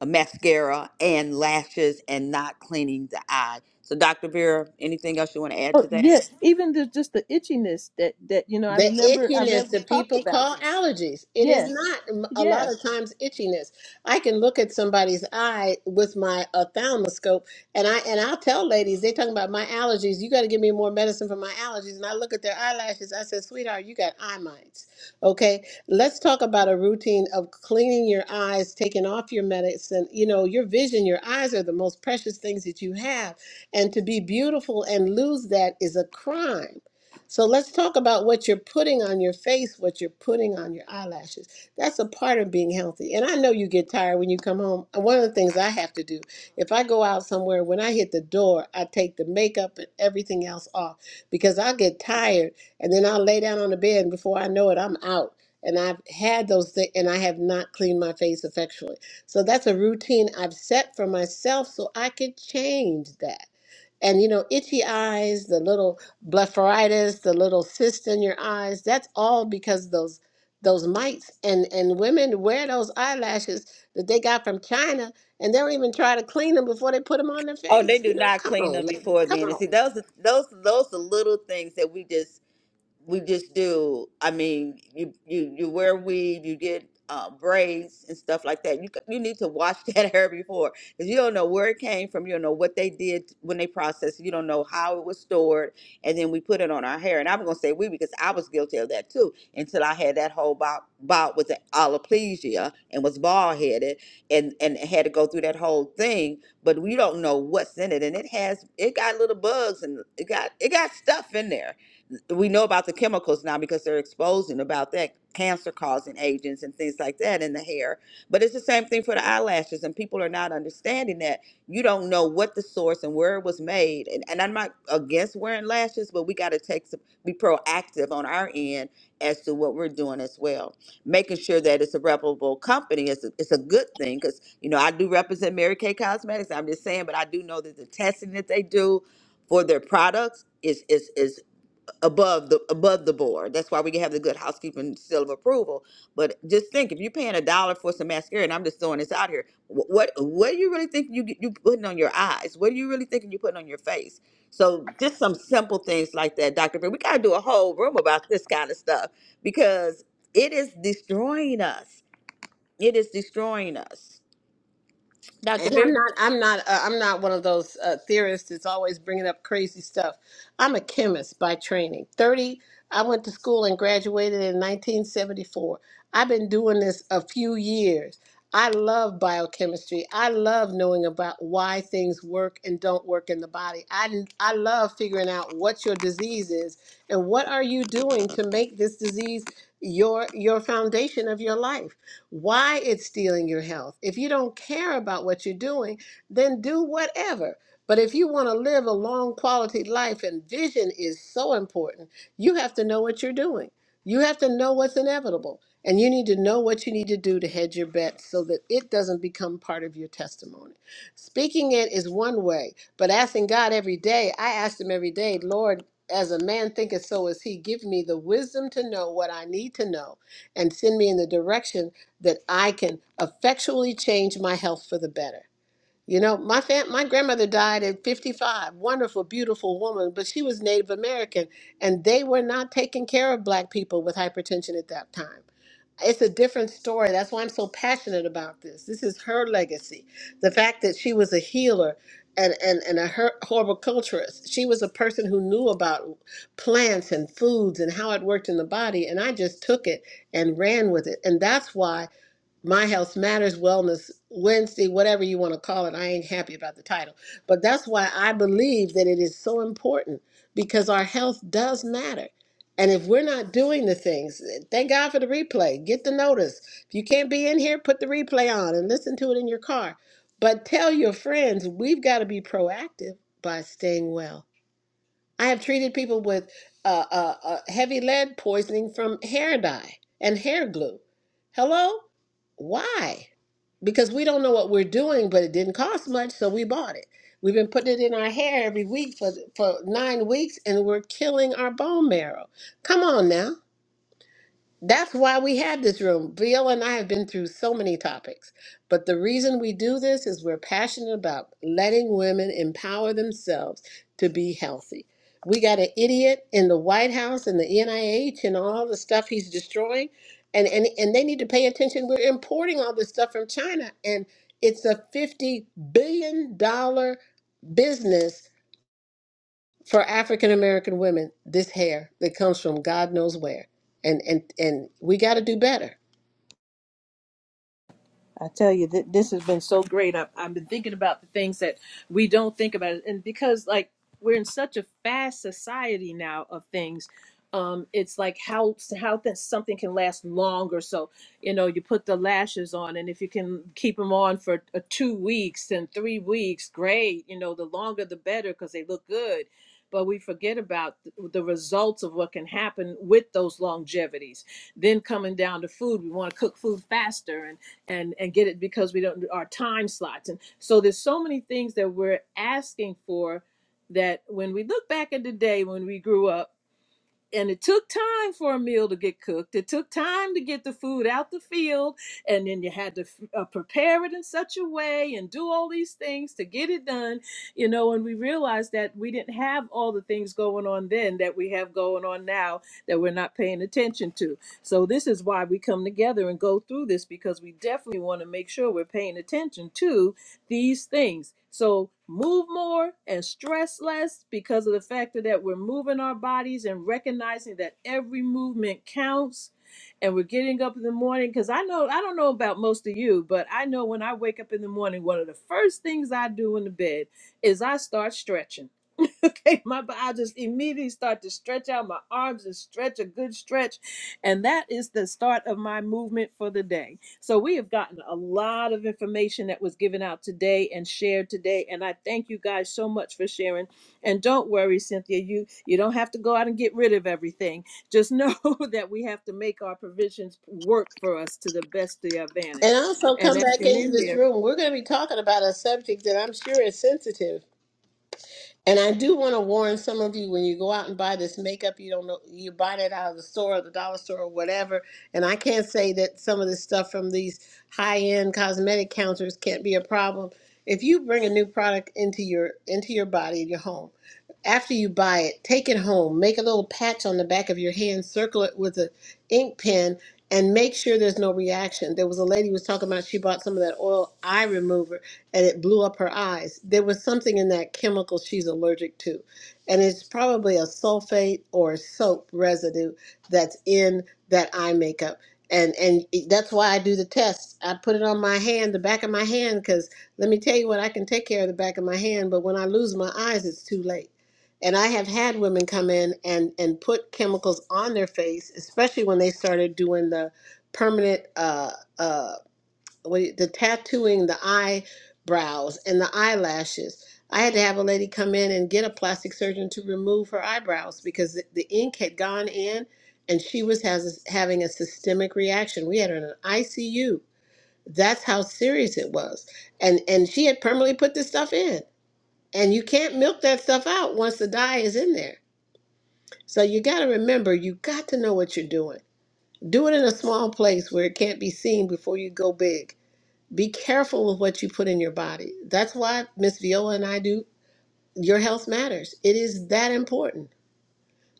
[SPEAKER 4] a mascara and lashes and not cleaning the eye. So, Dr. Vera, anything else you want to add
[SPEAKER 1] Oh
[SPEAKER 4] to that?
[SPEAKER 1] yeah, even the, just the itchiness that that you know. I
[SPEAKER 2] The
[SPEAKER 1] remember. I
[SPEAKER 2] itchiness
[SPEAKER 1] remember we
[SPEAKER 2] that
[SPEAKER 1] talked
[SPEAKER 2] people
[SPEAKER 1] about
[SPEAKER 2] call
[SPEAKER 1] that.
[SPEAKER 2] allergies. It is
[SPEAKER 1] Yes.
[SPEAKER 2] not m- a lot
[SPEAKER 1] Yes.
[SPEAKER 2] of times itchiness. I can look at somebody's eye with my ophthalmoscope and I and I'll tell ladies, they're talking about my allergies. You gotta give me more medicine for my allergies. And I look at their eyelashes. I said, sweetheart, you got eye mites. Okay. Let's talk about a routine of cleaning your eyes, taking off your medicine. You know, your vision, your eyes are the most precious things that you have. And to be beautiful and lose that is a crime So let's talk about what you're putting on your face, what you're putting on your eyelashes. That's a part of being healthy. And I know you get tired when you come home. And One of the things I have to do, if I go out somewhere, when I hit the door, I take the makeup and everything else off because I get tired and then I'll lay down on the bed and before I know it, I'm out. And I've had those things and I have not cleaned my face effectually. So that's a routine I've set for myself so I can change that. And you know, itchy eyes, the little blepharitis, the little cyst in your eyes, that's all because of those those mites and and women wear those eyelashes that they got from China and they don't even try to clean them before they put them on their
[SPEAKER 4] Oh, they
[SPEAKER 2] face.
[SPEAKER 4] do
[SPEAKER 2] You know,
[SPEAKER 4] not
[SPEAKER 2] come
[SPEAKER 4] clean them
[SPEAKER 2] on, ladies,
[SPEAKER 4] before
[SPEAKER 2] come
[SPEAKER 4] then. And
[SPEAKER 2] on.
[SPEAKER 4] see, those those those the little things that we just we just do. I mean, you you you wear weave, you get uh, braids and stuff like that. You c- you need to wash that hair before, because you don't know where it came from. You don't know what they did when they processed. it, You don't know how it was stored, and then we put it on our hair. And I'm gonna say we because I was guilty of that too until I had that whole bout bout with the aloplegia and was bald headed and and had to go through that whole thing. But we don't know what's in it, and it has it got little bugs and it got it got stuff in there we know about the chemicals now because they're exposing about that cancer causing agents and things like that in the hair but it's the same thing for the eyelashes and people are not understanding that you don't know what the source and where it was made and, and i'm not against wearing lashes but we got to take some be proactive on our end as to what we're doing as well making sure that it's a reputable company is a, it's a good thing because you know i do represent mary kay cosmetics i'm just saying but i do know that the testing that they do for their products is is is above the above the board. That's why we have the good housekeeping seal of approval. But just think, if you're paying a dollar for some mascara, and I'm just throwing this out here, wh- what what do you really think you you putting on your eyes? What do you really thinking you putting on your face? So just some simple things like that, Doctor. But we gotta do a whole room about this kind of stuff because it is destroying us. It is destroying us, Doctor.
[SPEAKER 2] and I'm
[SPEAKER 4] Britt.
[SPEAKER 2] not, I'm not, uh, I'm not one of those uh, theorists that's always bringing up crazy stuff. I'm a chemist by training. Thirty, I went to school and graduated in 1974. I've been doing this a few years. I love biochemistry. I love knowing about why things work and don't work in the body. I I love figuring out what your disease is and what are you doing to make this disease your your foundation of your life why it's stealing your health. If you don't care about what you're doing, then do whatever. But if you want to live a long quality life and vision is so important, you have to know what you're doing. You have to know what's inevitable. And you need to know what you need to do to hedge your bet so that it doesn't become part of your testimony. Speaking it is one way, but asking God every day, I asked Him every day, Lord, as a man thinketh, so is he. Give me the wisdom to know what I need to know and send me in the direction that I can effectually change my health for the better. You know, my fam- my grandmother died at 55, wonderful, beautiful woman, but she was Native American, and they were not taking care of black people with hypertension at that time. It's a different story. That's why I'm so passionate about this. This is her legacy. The fact that she was a healer and, and, and a her- horticulturist. She was a person who knew about plants and foods and how it worked in the body. And I just took it and ran with it. And that's why my Health Matters Wellness Wednesday, whatever you want to call it. I ain't happy about the title. But that's why I believe that it is so important because our health does matter. And if we're not doing the things, eh, thank God for the replay. Get the notice. If you can't be in here, put the replay on and listen to it in your car. But tell your friends, we've got to be proactive by staying well. I have treated people with uh, uh, uh, heavy lead poisoning from hair dye and hair glue. Hello? Why? Because we don't know what we're doing, but it didn't cost much, so we bought it. We've been putting it in our hair every week for, for nine weeks, and we're killing our bone marrow. Come on now. That's why we have this room. Bill and I have been through so many topics, but the reason we do this is we're passionate about letting women empower themselves to be healthy. We got an idiot in the White House and the NIH and all the stuff he's destroying, and and and they need to pay attention. We're importing all this stuff from China, and it's a fifty billion dollar business for African American women, this hair that comes from God knows where. And and and we got to do better.
[SPEAKER 1] I tell you that this has been so great. I've, I've been thinking about the things that we don't think about, and because like we're in such a fast society now of things, um, it's like how how th- something can last longer. So you know, you put the lashes on, and if you can keep them on for uh, two weeks and three weeks, great. You know, the longer the better because they look good. but we forget about th- the results of what can happen with those longevities. Then coming down to food, we want to cook food faster and and and get it because we don't our time slots. And so there's so many things that we're asking for that when we look back at the day when we grew up and it took time for a meal to get cooked. It took time to get the food out the field, and then you had to uh, prepare it in such a way and do all these things to get it done, you know. And we realized that we didn't have all the things going on then that we have going on now that we're not paying attention to. So this is why we come together and go through this because we definitely want to make sure we're paying attention to these things. So move more and stress less because of the factor that we're moving our bodies and recognizing that every movement counts. And we're getting up in the morning because I know I don't know about most of you, but I know when I wake up in the morning, one of the first things I do in the bed is I start stretching. okay, my bo- I just immediately start to stretch out my arms and stretch a good stretch, and that is the start of my movement for the day. So we have gotten a lot of information that was given out today and shared today, and I thank you guys so much for sharing. And don't worry, Cynthia, you you don't have to go out and get rid of everything. Just know that we have to make our provisions work for us to the best of your
[SPEAKER 2] And
[SPEAKER 1] advantage.
[SPEAKER 2] also
[SPEAKER 1] And
[SPEAKER 2] come
[SPEAKER 1] at,
[SPEAKER 2] back
[SPEAKER 1] and
[SPEAKER 2] into
[SPEAKER 1] in
[SPEAKER 2] this
[SPEAKER 1] there,
[SPEAKER 2] room. We're going to be talking about a subject that I'm sure is sensitive. And I do want to warn some of you when you go out and buy this makeup, you don't know you buy that out of the store or the dollar store or whatever. And I can't say that some of this stuff from these high-end cosmetic counters can't be a problem. If you bring a new product into your into your body, in your home, after you buy it, take it home, make a little patch on the back of your hand, circle it with an ink pen, and make sure there's no reaction. There was a lady who was talking about she bought some of that oil eye remover and it blew up her eyes. There was something in that chemical she's allergic to, and it's probably a sulfate or soap residue that's in that eye makeup. And and it- that's why I do the test. I put it on my hand, the back of my hand, because let me tell you what, I can take care of the back of my hand, but when I lose my eyes, it's too late. And I have had women come in and and put chemicals on their face, especially when they started doing the permanent. Uh, uh, what you- the tattooing the eyebrows and the eyelashes. I had to have a lady come in and get a plastic surgeon to remove her eyebrows because the, the ink had gone in and she was has, having a systemic reaction. We had her in an ICU. That's how serious it was. And and she had permanently put this stuff in. And you can't milk that stuff out once the dye is in there. So you got to remember you got to know what you're doing. Do it in a small place where it can't be seen before you go big be careful with what you put in your body. That's why Miss Viola and I do your health matters. It is that important.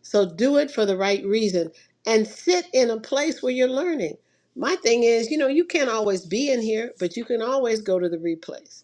[SPEAKER 2] So do it for the right reason and sit in a place where you're learning. My thing is, you know, you can't always be in here, but you can always go to the replays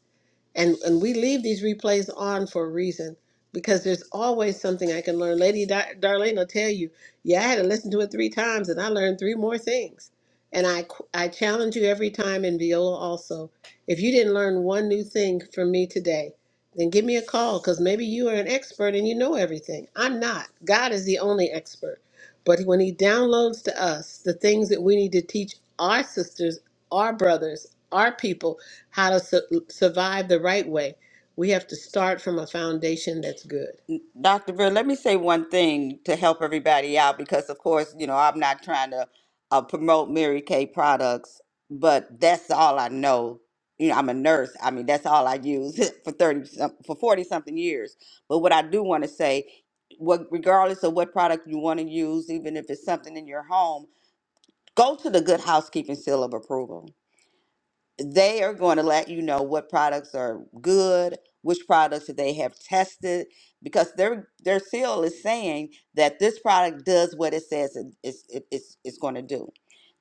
[SPEAKER 2] and and we leave these replays on for a reason because there's always something I can learn. Lady Di- Darlene will tell you, yeah, I had to listen to it three times and I learned three more things. And I qu- I challenge you every time in Viola also. If you didn't learn one new thing from me today, then give me a call because maybe you are an expert and you know everything. I'm not. God is the only expert. But when he downloads to us the things that we need to teach our sisters, our brothers, our people how to su- survive the right way, we have to start from a foundation that's good.
[SPEAKER 4] Dr. Vera, let me say one thing to help everybody out because, of course, you know, I'm not trying to uh, promote Mary Kay products, but that's all I know. You know, I'm a nurse. I mean, that's all I use for 30, some- for 40 something years. But what I do want to say, what, regardless of what product you want to use, even if it's something in your home, go to the Good Housekeeping Seal of Approval they are going to let you know what products are good, which products that they have tested, because their their seal is saying that this product does what it says it, it's it, it's it's going to do.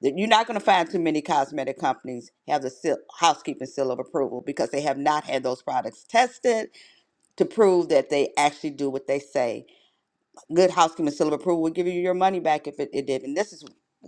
[SPEAKER 4] That you're not going to find too many cosmetic companies have the seal, housekeeping seal of approval because they have not had those products tested to prove that they actually do what they say good housekeeping seal of approval would give you your money back if it, it did. And this is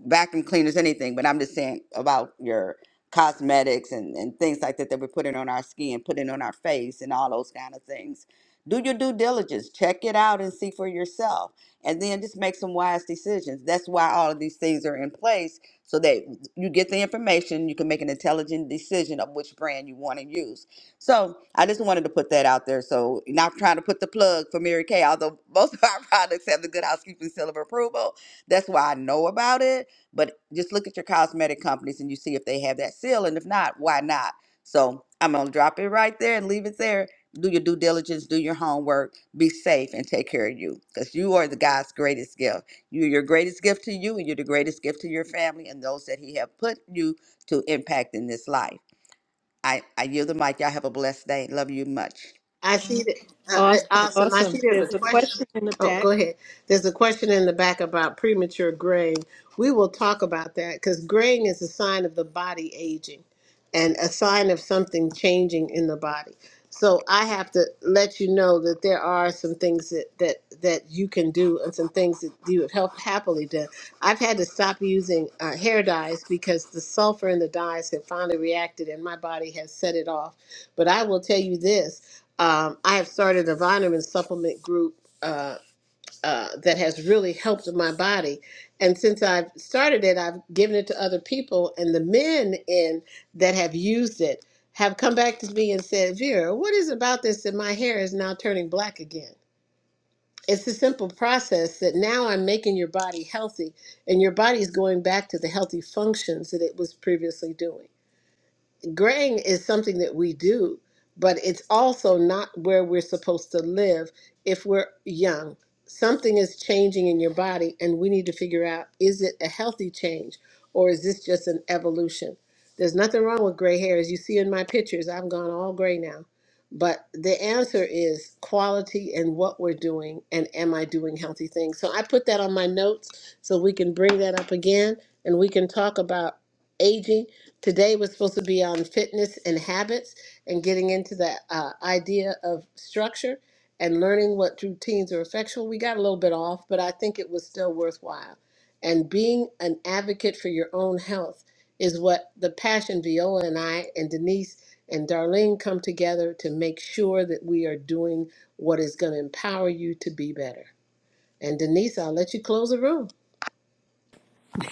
[SPEAKER 4] vacuum cleaners, anything, but I'm just saying about your cosmetics and, and things like that that we're putting on our skin, putting on our face and all those kind of things. Do your due diligence, check it out and see for yourself. And then just make some wise decisions. That's why all of these things are in place so that you get the information, you can make an intelligent decision of which brand you want to use so I just wanted to put that out there. So not trying to put the plug for Mary Kay, although most of our products have the Good Housekeeping Seal of Approval. That's why I know about it. But just look at your cosmetic companies and you see if they have that seal, and if not, why not? So I'm gonna drop it right there and leave it there. Do your due diligence, do your homework, be safe, and take care of you, because you are the God's greatest gift. You're your greatest gift to you, and you're the greatest gift to your family and those that He have put you to impact in this life. I, I yield the mic. Y'all have a blessed day. Love you much.
[SPEAKER 2] I see that. I, I,
[SPEAKER 1] awesome,
[SPEAKER 2] awesome. I
[SPEAKER 1] awesome.
[SPEAKER 2] see there's
[SPEAKER 1] There's
[SPEAKER 2] a
[SPEAKER 1] a
[SPEAKER 2] question.
[SPEAKER 1] question in the
[SPEAKER 2] Oh,
[SPEAKER 1] back.
[SPEAKER 2] go ahead. There's a question in the back about premature graying. We will talk about that because graying is a sign of the body aging and a sign of something changing in the body. So I have to let you know that there are some things that, that, that you can do and some things that you have help, happily done. I've had to stop using uh, hair dyes because the sulfur in the dyes have finally reacted and my body has set it off. But I will tell you this um, I have started a vitamin supplement group uh, uh, that has really helped my body. And since I've started it, I've given it to other people, and the men in that have used it have come back to me and said, "Vera, what is about this that my hair is now turning black again?" It's a simple process that now I'm making your body healthy, and your body is going back to the healthy functions that it was previously doing graying is something that we do, but it's also not where we're supposed to live if we're young. Something is changing in your body, and we need to figure out is it a healthy change or is this just an evolution? There's nothing wrong with gray hair. As you see in my pictures, I've gone all gray now. But the answer is quality and what we're doing, and am I doing healthy things? So I put that on my notes so we can bring that up again and we can talk about aging Today was supposed to be on fitness and habits and getting into the uh, idea of structure and learning what routines are effectual. We got a little bit off, but I think it was still worthwhile. And being an advocate for your own health is what the passion Viola and I and Denise and Darlene come together to make sure that we are doing what is going to empower you to be better. And Denise, I'll let you close the room.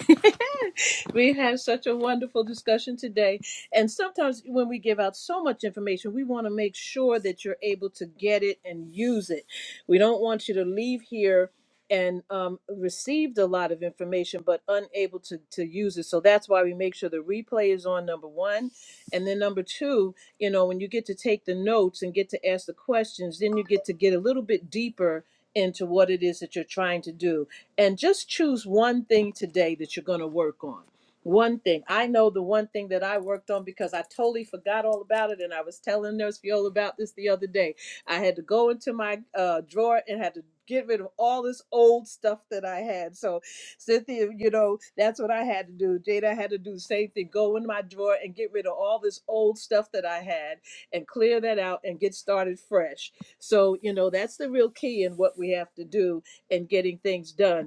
[SPEAKER 1] we had such a wonderful discussion today. And sometimes when we give out so much information, we want to make sure that you're able to get it and use it. We don't want you to leave here and um, received a lot of information but unable to, to use it so that's why we make sure the replay is on number one and then number two you know when you get to take the notes and get to ask the questions then you get to get a little bit deeper into what it is that you're trying to do and just choose one thing today that you're going to work on one thing i know the one thing that i worked on because i totally forgot all about it and i was telling nurse viola about this the other day I had to go into my uh, drawer and had to get rid of all this old stuff that I had. So, Cynthia, you know, that's what I had to do. Jada had to do the same thing go in my drawer and get rid of all this old stuff that I had and clear that out and get started fresh. So, you know, that's the real key in what we have to do in getting things done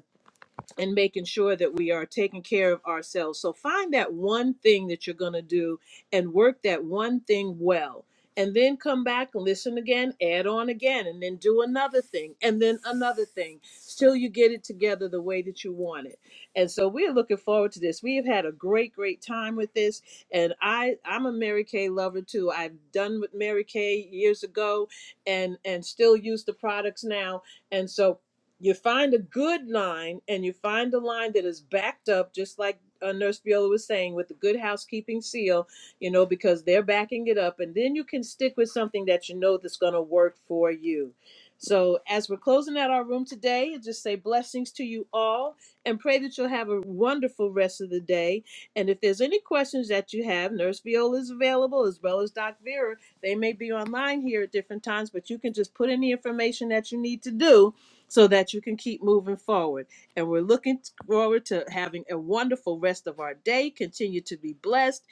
[SPEAKER 1] and making sure that we are taking care of ourselves. So find that one thing that you're going to do and work that one thing well. And then come back and listen again, add on again, and then do another thing, and then another thing, till you get it together the way that you want it. And so we are looking forward to this. We have had a great, great time with this. And I, I'm a Mary Kay lover too. I've done with Mary Kay years ago, and and still use the products now. And so you find a good line and you find a line that is backed up just like uh, nurse viola was saying with the good housekeeping seal you know because they're backing it up and then you can stick with something that you know that's going to work for you so as we're closing out our room today I just say blessings to you all and pray that you'll have a wonderful rest of the day and if there's any questions that you have nurse viola is available as well as doc vera they may be online here at different times but you can just put in the information that you need to do so that you can keep moving forward. And we're looking forward to having a wonderful rest of our day. Continue to be blessed,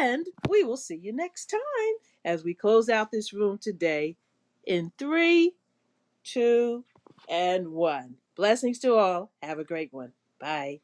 [SPEAKER 1] and we will see you next time as we close out this room today in three, two, and one. Blessings to all. Have a great one. Bye.